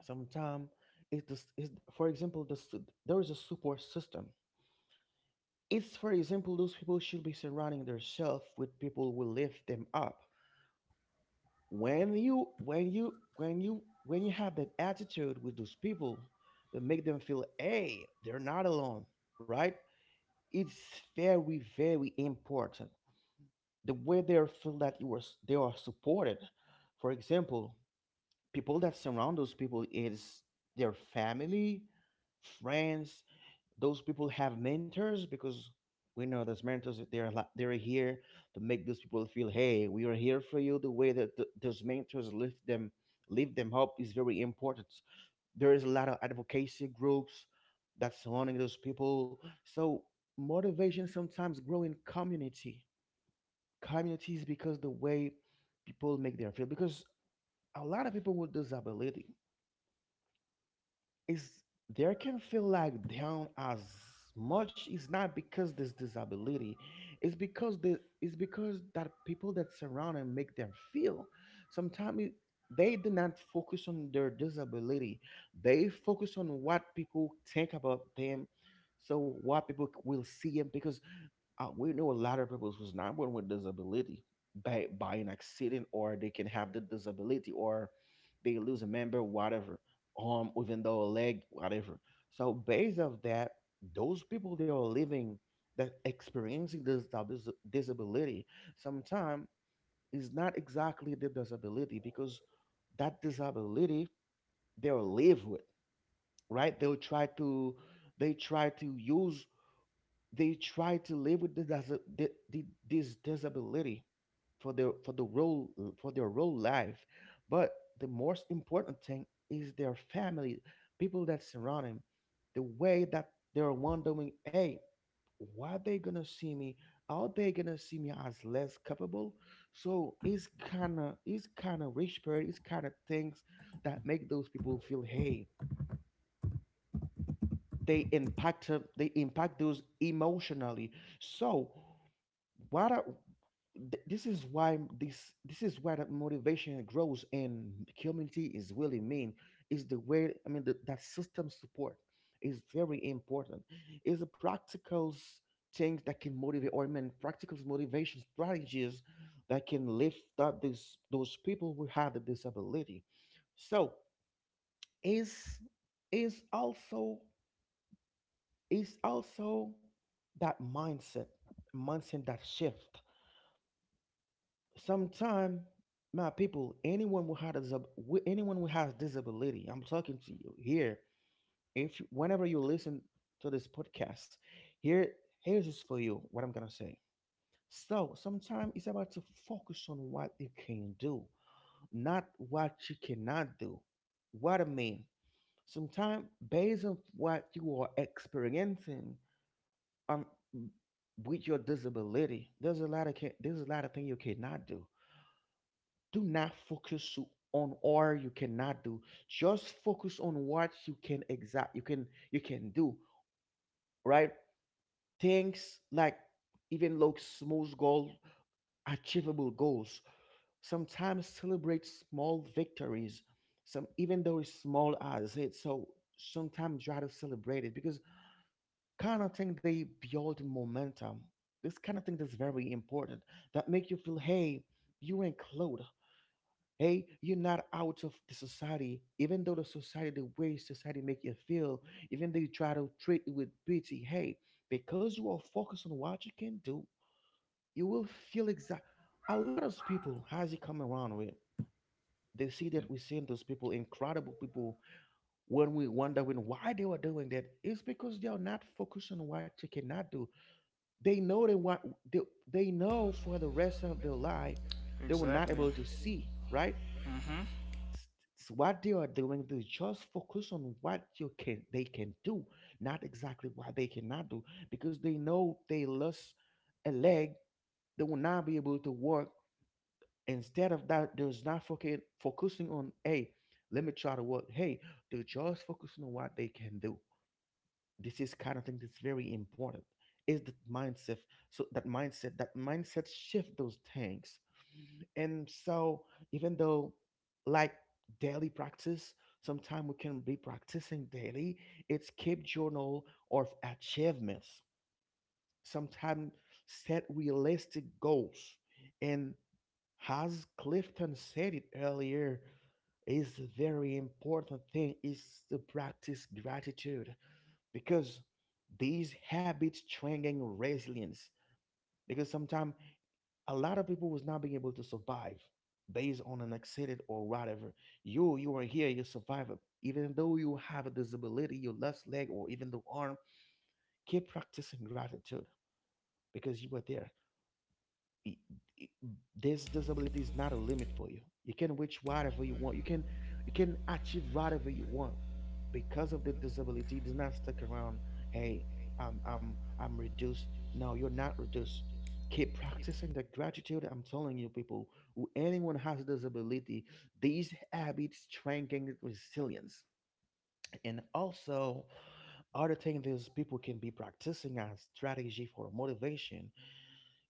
[SPEAKER 1] sometime, it's this is for example, this there is a support system. It's for example, those people should be surrounding themselves with people who lift them up. When you have that attitude with those people, that make them feel hey, they're not alone, right? It's very important, the way they feel that they are supported. For example, people that surround those people is their family, friends. Those people have mentors, because we know those mentors, they're here to make those people feel hey, we are here for you. The way that those mentors lift them up is very important. There is a lot of advocacy groups that's surrounding those people, so motivation sometimes grow in community communities, because the way people make their feel, because a lot of people with disability is they can feel like down as much. It's not because this disability, it's because that people that surround and make them feel sometimes they do not focus on their disability, they focus on what people think about them, so what people will see them. Because we know a lot of people who's not born with disability, by an accident, or they can have the disability, or they lose a member, whatever, arm, even though a leg, whatever. So based of that, those people they are living, that experiencing this disability, sometimes is not exactly the disability, because that disability they'll live with, right? They try to use they try to live with the, dis- the, this disability for their for the role for their role life, but the most important thing is their family, people that surround them, the way that they're wondering hey, why they gonna see me, are they gonna see me as less capable? So it's kind of things that make those people feel hey, they impact they impact those emotionally. So what are, th- this is why this this is why that motivation grows, and community is really mean, is the way, I mean, that system support is very important. Is the things that can motivate, or I mean practical motivation strategies that can lift up these those people who have the disability. So is is also is also that mindset that shift. Sometime, my people, anyone who has disability, I'm talking to you here. If you- Whenever you listen to this podcast, here here's just for you what I'm gonna say. So sometimes it's about to focus on what you can do, not what you cannot do. What I mean, sometimes based on what you are experiencing, um, with your disability, there's a lot of things you cannot do. Do not on or you cannot do, just focus on what you can exact you can do, right? Things like even look small goals, achievable goals, sometimes celebrate small victories, some even though it's small as it. So sometimes try to celebrate it, because kind of thing they build momentum. This kind of thing that's very important, that make you feel hey, you ain't close. Hey, you're not out of the society, even though the society, the way society make you feel, even they try to treat you with pity. Hey, because you are focused on what you can do, you will feel exact. A lot of people, as you come around with, they see
[SPEAKER 3] yeah,
[SPEAKER 1] that we see those people, incredible people. When we wonder when why they were doing that, it's because they are not focused on what you cannot do. They know they want. They, they know for the rest of their life, they were not
[SPEAKER 2] Exactly.
[SPEAKER 1] able to see. Right.
[SPEAKER 2] Mm-hmm.
[SPEAKER 1] s- what they are doing, they just focus on what you can they can do, not exactly what they cannot do, because they know they lost a leg, they will not be able to work. Instead of that, there's not fucking focusing on hey, let me try to work. Hey, they're just focusing on what they can do. This is kind of thing that's very important, is that mindset. So that mindset shift those things. And so, even though like daily practice, sometimes we can be practicing daily, it's keep journal of achievements. Sometimes set realistic goals. And as Clifton said it earlier, is a very important thing is to practice gratitude, because these habits strengthen resilience. Because sometimes a lot of people was not being able to survive based on an accident or whatever. You are here, you survive it. Even though you have a disability, your left leg or even the arm, keep practicing gratitude because you were there. i- i- this disability is not a limit for you. You can reach whatever you want. You can achieve whatever you want, because of the disability. It does not stick around. Hey, I'm reduced. No, you're not reduced. Keep practicing the gratitude. I'm telling you, people, who anyone has a disability, these habits strengthen resilience. And also, other thing is people can be practicing as strategy for motivation,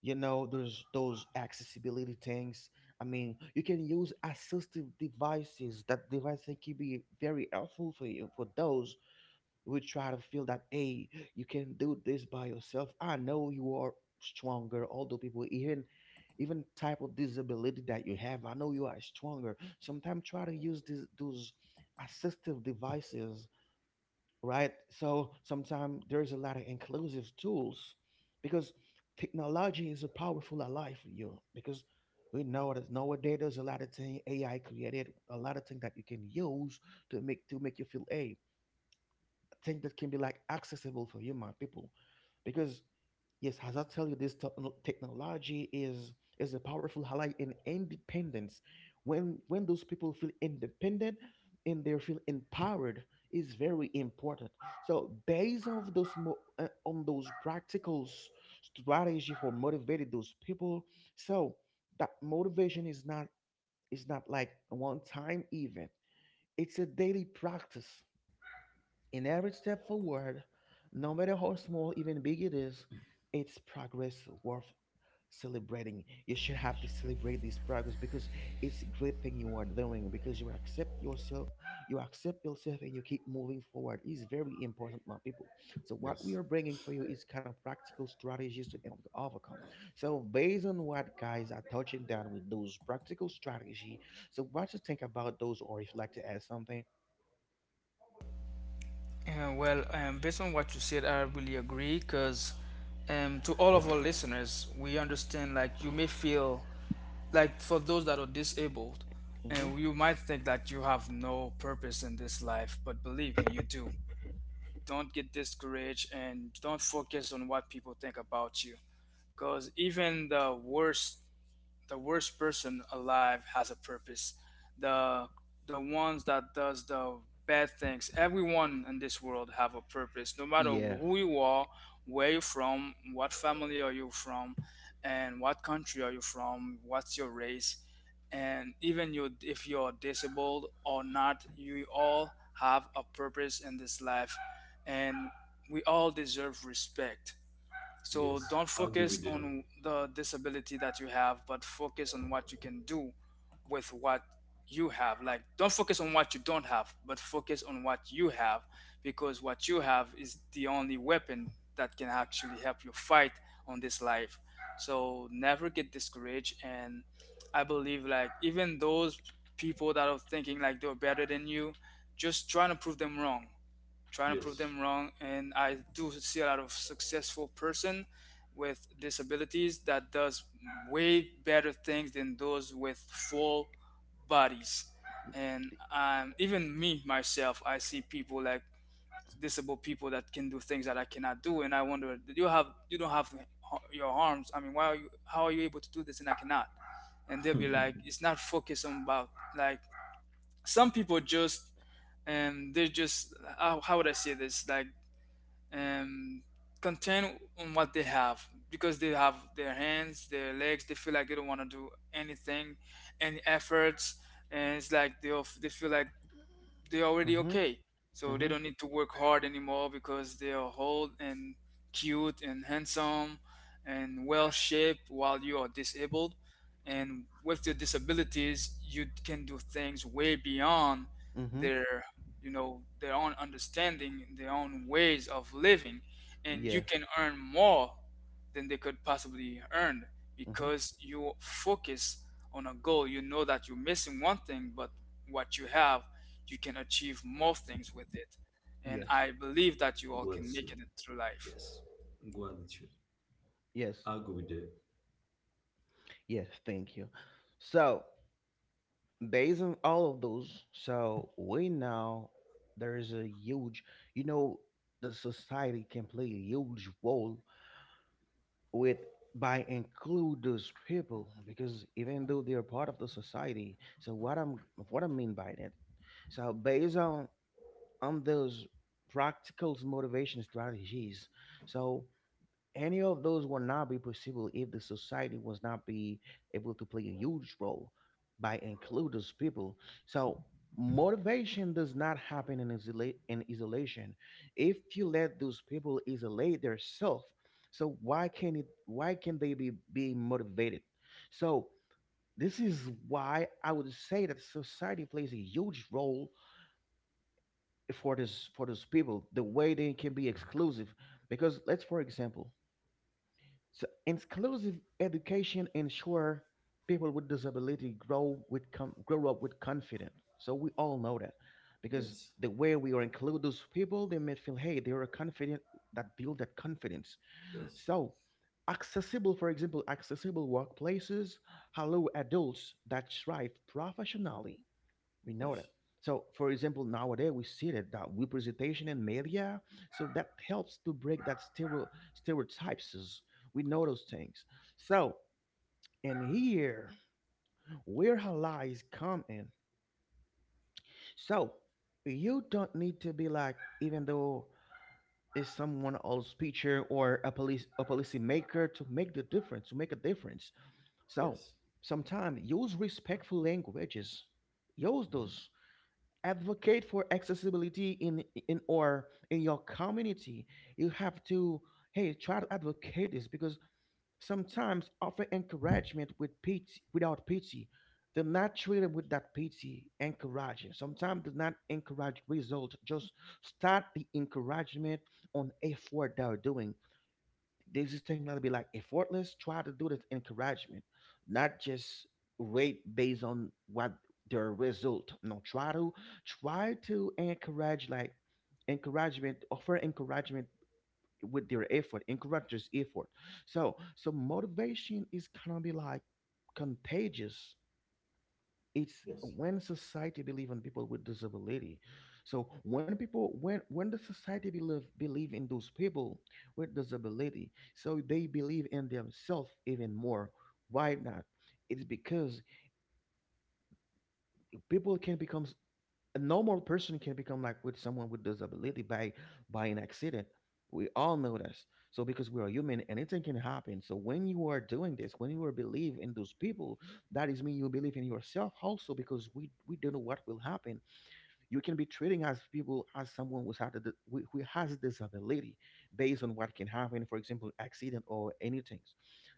[SPEAKER 1] you know there's those accessibility things. I mean, you can use assistive devices. That device can be very helpful for you, for those who try to feel that hey, you can do this by yourself. I know you are stronger. Although people, even type of disability that you have, I know you are stronger. Sometimes try to use these those assistive devices, right? So sometimes there's a lot of inclusive tools, because technology is a powerful ally for you, because we know that nowadays there's a lot of thing AI created, a lot of things that you can use to make you feel, hey, thing that can be like accessible for human people. Because yes, as I tell you, this technology is a powerful highlight in independence. When those people feel independent and they feel empowered, is very important. So based on those practical strategy for motivating those people. So that motivation is not like a one time event, it's a daily practice. In every step forward, no matter how small, even big it is, it's progress worth celebrating. You should have to celebrate this progress because it's a great thing you are doing, because you accept yourself, and you keep moving forward. It's very important, my people. So, what we
[SPEAKER 3] yes,
[SPEAKER 1] are bringing for you is kind of practical strategies to help you overcome. So, based on what guys are touching down with those practical strategy, so what you think about those, or if you like to add something?
[SPEAKER 2] Well, based on what you said, I really agree because to all of our listeners, we understand like you may feel like for those that are disabled,
[SPEAKER 1] Hmm.
[SPEAKER 2] and you might think that you have no purpose in this life, but believe me, you do. Don't get discouraged and don't focus on what people think about you, because even the worst, the worst person alive has a purpose. The the ones that does the bad things. Everyone in this world have a purpose. No matter
[SPEAKER 1] Yeah.
[SPEAKER 2] who you are, where you're from, what family are you from, and what country are you from, what's your race, and even you if you're disabled or not, you all have a purpose in this life, and we all deserve respect. So
[SPEAKER 3] yes.
[SPEAKER 2] don't
[SPEAKER 3] I agree
[SPEAKER 2] focus
[SPEAKER 3] with them.
[SPEAKER 2] on the disability that you have, but focus on what you can do with what you have. Like, don't focus on what you don't have, but focus on what you have, because what you have is the only weapon that can actually help you fight on this life. So never get discouraged. And I believe, like, even those people that are thinking like they're better than you, just trying to prove them wrong, trying to prove
[SPEAKER 3] Yes,
[SPEAKER 2] them wrong. And I do see a lot of successful person with disabilities that does way better things than those with full bodies. And even me myself, I see people like disabled people that can do things that I cannot do, and I wonder, do you have, you don't have your arms, I mean, why are you, how are you able to do this and I cannot. And they'll be like, it's not focused on about, like, some people just, and they're just, how would I say this, like, um, content on what they have because they have their hands, their legs. They feel like they don't want to do anything, any efforts, and it's like they feel like they're already
[SPEAKER 1] Mm-hmm.
[SPEAKER 2] okay. So they don't need to work hard anymore because they are old and cute and handsome and well shaped, while you are disabled. And with your disabilities, you can do things way beyond
[SPEAKER 1] Mm-hmm.
[SPEAKER 2] their, you know, their own understanding, their own ways of living, and you
[SPEAKER 1] Yeah.
[SPEAKER 2] can earn more than they could possibly earn
[SPEAKER 1] Mm-hmm.
[SPEAKER 2] because you focus on a goal. You know that you're missing one thing, but what you have, you can achieve more things with it. And
[SPEAKER 1] Yes.
[SPEAKER 2] I believe that you all can make it
[SPEAKER 3] gratitude.
[SPEAKER 2] through life.
[SPEAKER 3] Yes, gratitude.
[SPEAKER 1] Yes.
[SPEAKER 3] I agree with them.
[SPEAKER 1] Yes. Thank you. So, based on all of those, so we know there is a huge, you know, the society can play a huge role with, by include those people, because even though they are part of the society. So what I mean by that. So based on those practical motivation strategies. So any of those would not be possible if the society was not be able to play a huge role by include those people. So motivation does not happen in, in isolation. If you let those people isolate themselves, so why can it? Why can they be being motivated? So this is why I would say that society plays a huge role for those people. The way they can be exclusive, because let's for example, so inclusive education ensure people with disability grow up with confidence. So we all know that, because
[SPEAKER 3] Yes,
[SPEAKER 1] the way we are include those people, they may feel hey they are confident, that build that confidence.
[SPEAKER 3] yes,
[SPEAKER 1] So accessible, for example, accessible workplaces allow adults that thrive professionally, we know that.
[SPEAKER 3] yes,
[SPEAKER 1] So, for example, nowadays we see that, that representation in media, so that helps to break that stereotypes. We know those things. So, and here where her lies come in. So, you don't need to be like, even though it's someone else's picture or a police a policy maker to make a difference.
[SPEAKER 3] yes.
[SPEAKER 1] So, sometimes use respectful languages. Use
[SPEAKER 3] Mhm.
[SPEAKER 1] those. Advocate for accessibility in or in your community. You have to, hey, try to advocate this, because sometimes offer encouragement with pity, without pity, they're not treated with that pity. Encouraging sometimes does not encourage result. Just start the encouragement on effort they're doing. There's this thing that'll be like effortless. Try to do this encouragement, not just rate based on what their result. No, try to encourage like encouragement, offer encouragement with their effort, encourage this effort. So motivation is kind of be like contagious. It's
[SPEAKER 3] Yes.
[SPEAKER 1] when society believe in people with disability. So when people, when the society believe in those people with disability, so they believe in themselves even more. Why not? It's because people can become a normal person can become like with someone with disability by an accident. We all know this, so because we are human, anything can happen. So when you are doing this, when you are believe in those people, that is mean you believe in yourself also, because we don't know what will happen. You can be treating as people as someone who's who has disability, based on what can happen, for example, accident or anything.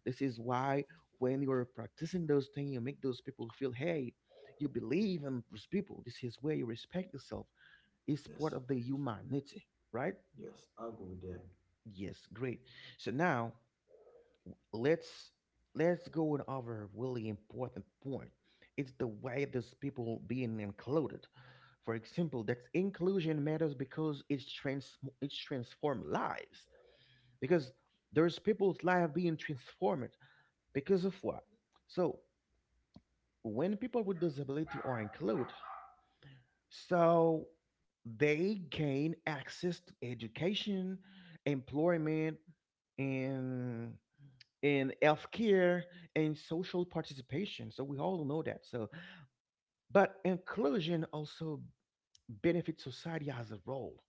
[SPEAKER 1] This is why when you're practicing those things, you make those people feel, hey, you believe in those people. This is where you respect yourself. It's part
[SPEAKER 3] Yes.
[SPEAKER 1] of the humanity, right?
[SPEAKER 3] Yes. I'll go with that.
[SPEAKER 1] Yes, great. So now let's let's go on over really important point. It's the way those people being included. For example, that inclusion matters because it's transformed lives. Because there's people's life being transformed because of what? So when people with disability are included, so they gain access to education, employment, and in healthcare and social participation. So we all know that. So, but inclusion also benefits society as a whole,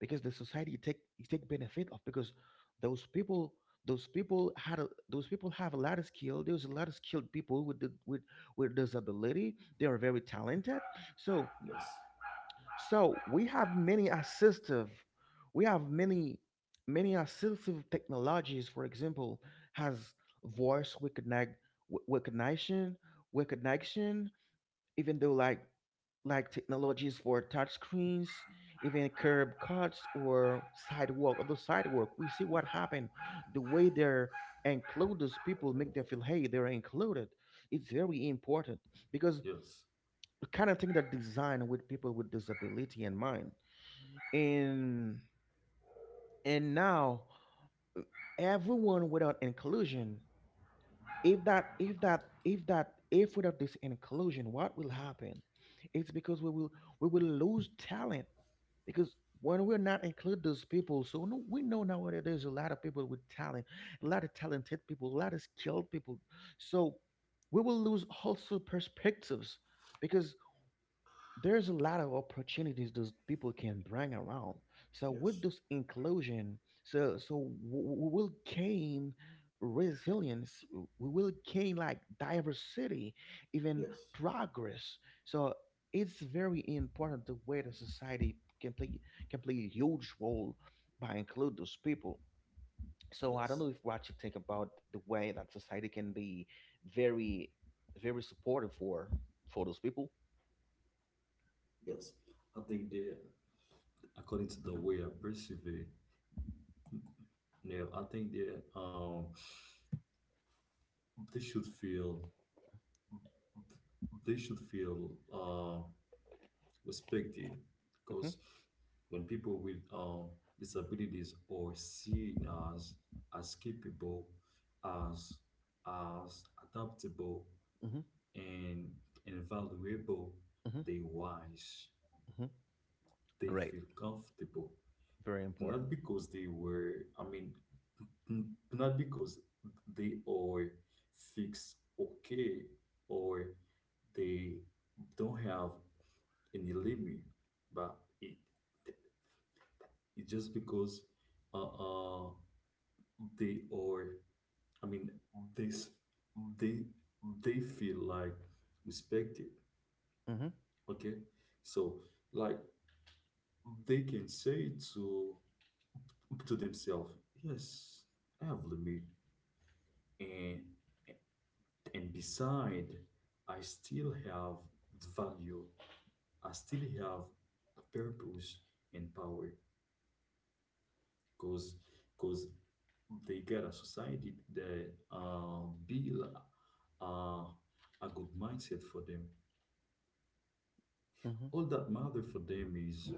[SPEAKER 1] because the society take benefit of because those people those people those people have a lot of skill. There's a lot of skilled people with disability. They are very talented. So
[SPEAKER 3] Yes.
[SPEAKER 1] so we have we have many assistive technologies. For example, has voice recogni- w- recognition, recognition. Even though like technologies for touch screens, even curb cuts or sidewalk or the sidewalk, we see what happened. The way they're include those people make them feel hey they're included. It's very important, because
[SPEAKER 3] Yes.
[SPEAKER 1] the kind of thing that designed with people with disability in mind. and and now uh, everyone, without inclusion, if without this inclusion, what will happen? It's because we will lose talent, because when we're not include those people, so no, we know nowadays there's a lot of people with talent, a lot of talented people, a lot of skilled people. So we will lose also perspectives, because there's a lot of opportunities those people can bring around. So with
[SPEAKER 3] Yes.
[SPEAKER 1] this inclusion, so we will gain resilience. We will gain like diversity, even
[SPEAKER 3] Yes.
[SPEAKER 1] progress. So it's very important the way the society can play, a huge role by include those people. So I don't
[SPEAKER 3] Yes.
[SPEAKER 1] know if what you think about the way that society can be very, very supportive for those people.
[SPEAKER 3] Yes. I think that, according to the way I perceive it, yeah, I think that they should feel, they should feel uh respected,
[SPEAKER 1] Hmm.
[SPEAKER 3] because when people with disabilities are seen as capable, as as adaptable,
[SPEAKER 1] Hmm.
[SPEAKER 3] and valuable, they wise,
[SPEAKER 1] Hmm.
[SPEAKER 3] they
[SPEAKER 1] Great.
[SPEAKER 3] feel comfortable,
[SPEAKER 1] Very important.
[SPEAKER 3] not because they were I mean n- not because they are fixed. Okay, or they don't have any limit, but it it's just because uh, uh they are, I mean, they s- they they feel like respected.
[SPEAKER 1] Hmm.
[SPEAKER 3] Okay, so like they can say to themselves, yes, I have limit, and beside I still have value. I still have purpose and power because because they get a society that build uh, a good mindset for them.
[SPEAKER 1] Hmm.
[SPEAKER 3] All that matter for them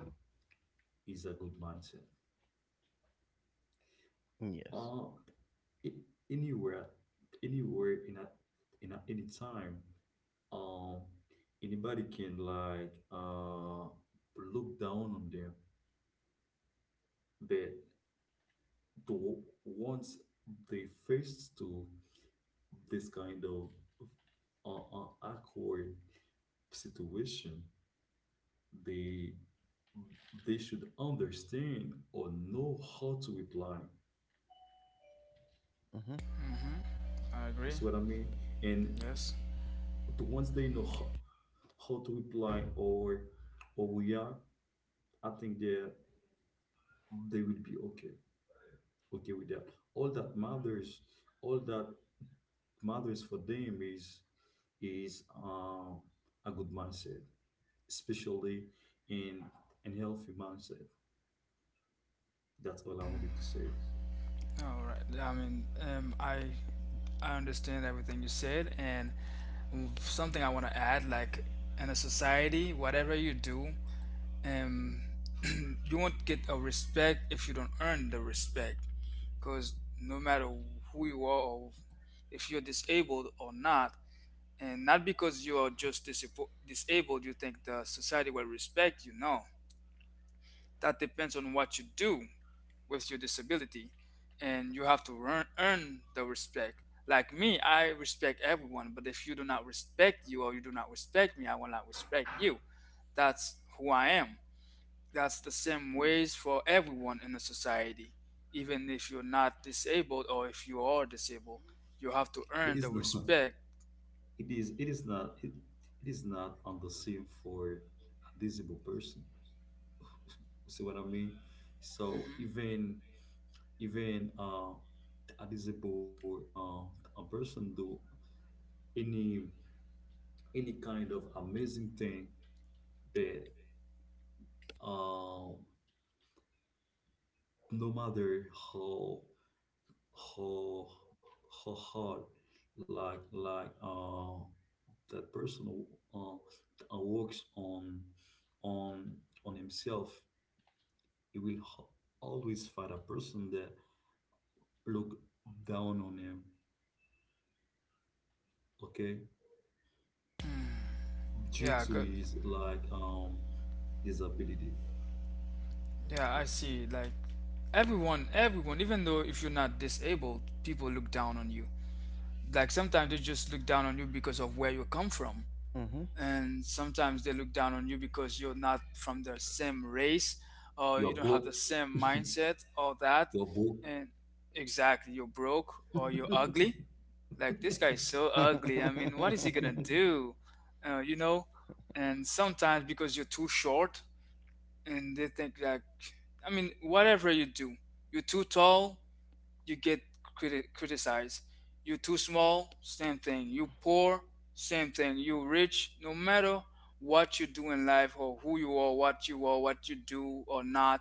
[SPEAKER 3] is a good mindset.
[SPEAKER 1] Yes.
[SPEAKER 3] Uh, a- Anywhere, anywhere any time, um anybody can like look down on them, but the once they faced to this kind of awkward situation, they they should understand or know how to reply.
[SPEAKER 1] Hmm.
[SPEAKER 2] Hmm. I agree.
[SPEAKER 3] You see what I mean? And
[SPEAKER 2] Yes.
[SPEAKER 3] the ones they know how to reply or react, I think that they will be okay, okay with that. All that matters, all that matters for them is a good mindset, especially in an healthy mindset. That's all I wanted to say.
[SPEAKER 2] All right. I mean, I understand everything you said, and something I want to add, like in a society, whatever you do, um, you won't get a respect if you don't earn the respect, because no matter who you are or if you're disabled or not. And not because you are just disabled, you think the society will respect you. No, that depends on what you do with your disability. And you have to earn the respect. Like me, I respect everyone, but if you do not respect you or you do not respect me, I will not respect you. That's who I am. That's the same ways for everyone in a society. Even if you're not disabled or if you are disabled, you have to
[SPEAKER 3] It
[SPEAKER 2] earn
[SPEAKER 3] is
[SPEAKER 2] the
[SPEAKER 3] not.
[SPEAKER 2] respect.
[SPEAKER 3] It is. It is not. It is not on the same for a disabled person. You see what I mean? So
[SPEAKER 2] Hmm.
[SPEAKER 3] even even a disabled a person do any any kind of amazing thing but. Uh, no matter how how hard like that person works on on himself, he will always find a person that look down on him. Okay, due to
[SPEAKER 2] Yeah, good.
[SPEAKER 3] his like his ability.
[SPEAKER 2] Yeah, I
[SPEAKER 3] Yes,
[SPEAKER 2] see. Like everyone, even though if you're not disabled, people look down on you. Like sometimes they just look down on you because of where you come from,
[SPEAKER 1] Hmm.
[SPEAKER 2] and sometimes they look down on you because you're not from the same race,
[SPEAKER 3] your
[SPEAKER 2] or you don't
[SPEAKER 3] book,
[SPEAKER 2] have the same mindset, or
[SPEAKER 3] your
[SPEAKER 2] that.
[SPEAKER 3] book.
[SPEAKER 2] And exactly, you're broke or you're ugly. Like this guy is so ugly. I mean, what is he gonna do? You know. And sometimes because you're too short, and they think like, I mean, whatever you do, you're too tall, you get criticized, you're too small, same thing, you poor, same thing, you rich. No matter what you do in life or who you are, what you are, what you do or not,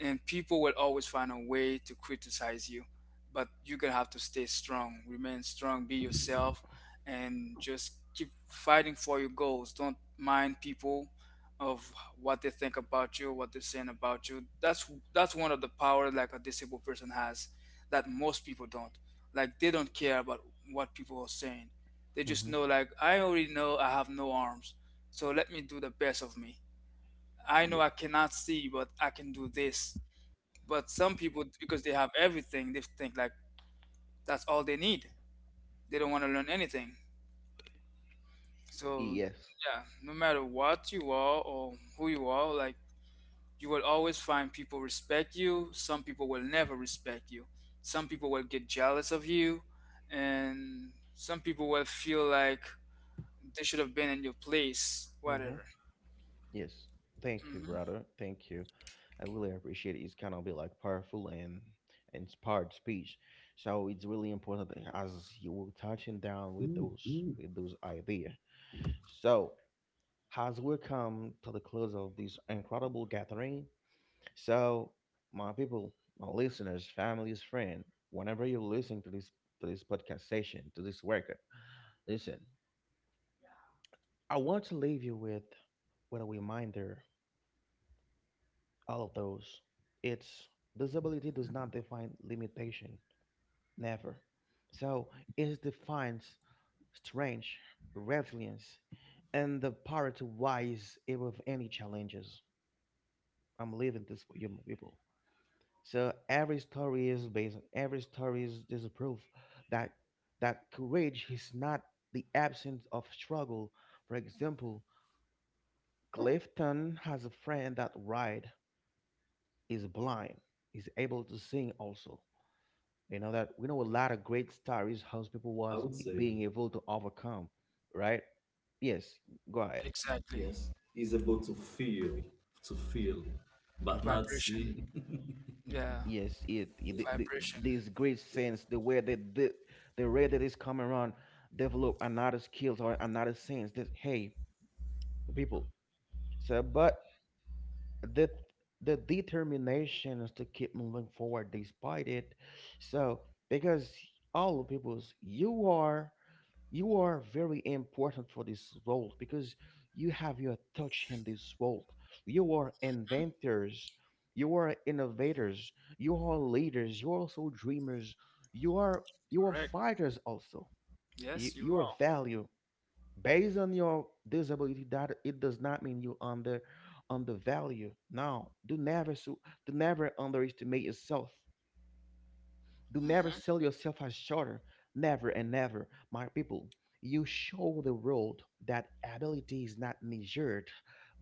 [SPEAKER 2] and people will always find a way to criticize you. But you're gonna have to stay strong, remain strong, be yourself, and just keep fighting for your goals. Don't mind people of what they think about you, what they're saying about you. That's one of the power like a disabled person has that most people don't. Like, they don't care about what people are saying. They just
[SPEAKER 1] hmm.
[SPEAKER 2] know, like, I already know I have no arms, so let me do the best of me. I know I
[SPEAKER 1] Yes.
[SPEAKER 2] cannot see, but I can do this. But some people, because they have everything, they think like that's all they need. They don't want to learn anything. So
[SPEAKER 1] Yes.
[SPEAKER 2] yeah, no matter what you are or who you are, like, you will always find people respect you. Some people will never respect you. Some people will get jealous of you, and some people will feel like they should have been in your place.
[SPEAKER 1] Hmm.
[SPEAKER 2] Whatever.
[SPEAKER 1] Yes. Thank you,
[SPEAKER 2] Hmm.
[SPEAKER 1] brother. Thank you. I really appreciate it. It's kind of be like powerful and inspired speech. So it's really important that as you were touching down with those ideas. So as we come to the close of this incredible gathering. So, my people, my listeners, families, friends, whenever you're listening to this podcast session, to this record, listen. I want to leave you with a reminder. All of those. It's disability does not define limitation. Never. So it defines strength, resilience, and the power to rise above any challenges. I'm leaving this for you, my people. So every story is based. Every story is a proof that courage is not the absence of struggle. For example, Clifton has a friend that Ride is blind. Is able to sing also. You know that we know a lot of great stories how people
[SPEAKER 3] I
[SPEAKER 1] was
[SPEAKER 3] would say,
[SPEAKER 1] being able to overcome, right? Yes, go ahead.
[SPEAKER 2] Exactly.
[SPEAKER 3] yes, he's able to feel, but
[SPEAKER 1] Mm-hmm.
[SPEAKER 3] not
[SPEAKER 2] Vibration.
[SPEAKER 3] see.
[SPEAKER 2] Yeah,
[SPEAKER 1] Yes,
[SPEAKER 3] Yes,
[SPEAKER 2] vibration.
[SPEAKER 1] this great
[SPEAKER 3] yes.
[SPEAKER 1] sense, the way that the way that is come around, develop another skills or another sense that, hey, people. So, but the the determination is to keep moving forward despite it. So, because all the peoples, you are very important for this world, because you have your touch in this world. You are inventors, you are innovators, you are leaders, you're also dreamers, you are you are
[SPEAKER 2] Correct.
[SPEAKER 1] fighters also.
[SPEAKER 2] Yes, you
[SPEAKER 1] You
[SPEAKER 2] are.
[SPEAKER 1] value based on your disability, that it does not mean you undervalue. No, do never underestimate yourself. Do never
[SPEAKER 2] Mm-hmm.
[SPEAKER 1] sell yourself as shorter. Never and never, my people. You show the world that ability is not measured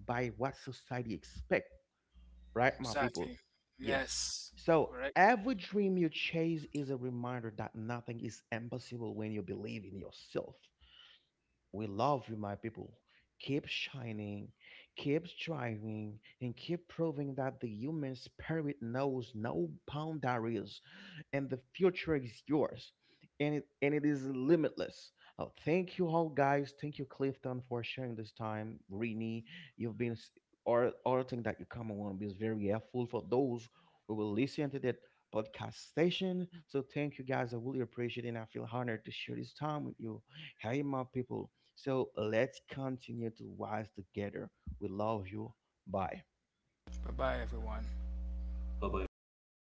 [SPEAKER 1] by what society expect, right, my
[SPEAKER 2] Exactly.
[SPEAKER 1] people? Yes.
[SPEAKER 2] Yes.
[SPEAKER 1] So
[SPEAKER 2] Correct.
[SPEAKER 1] every dream you chase is a reminder that nothing is impossible when you believe in yourself. We love you, my people. Keep shining, keep striving, and keep proving that the human spirit knows no boundaries, and the future is yours, and it is limitless. Oh, thank you all, guys. Thank you, Clifton, for sharing this time. Rini, you've been s- or thing that you come on is very helpful for those who will listen to that podcast station. So thank you, guys. I really appreciate it, and I feel honored to share this time with you. Hey, my people. So let's continue to rise together. We love you. Bye.
[SPEAKER 2] Bye bye, everyone.
[SPEAKER 3] Bye bye, everybody.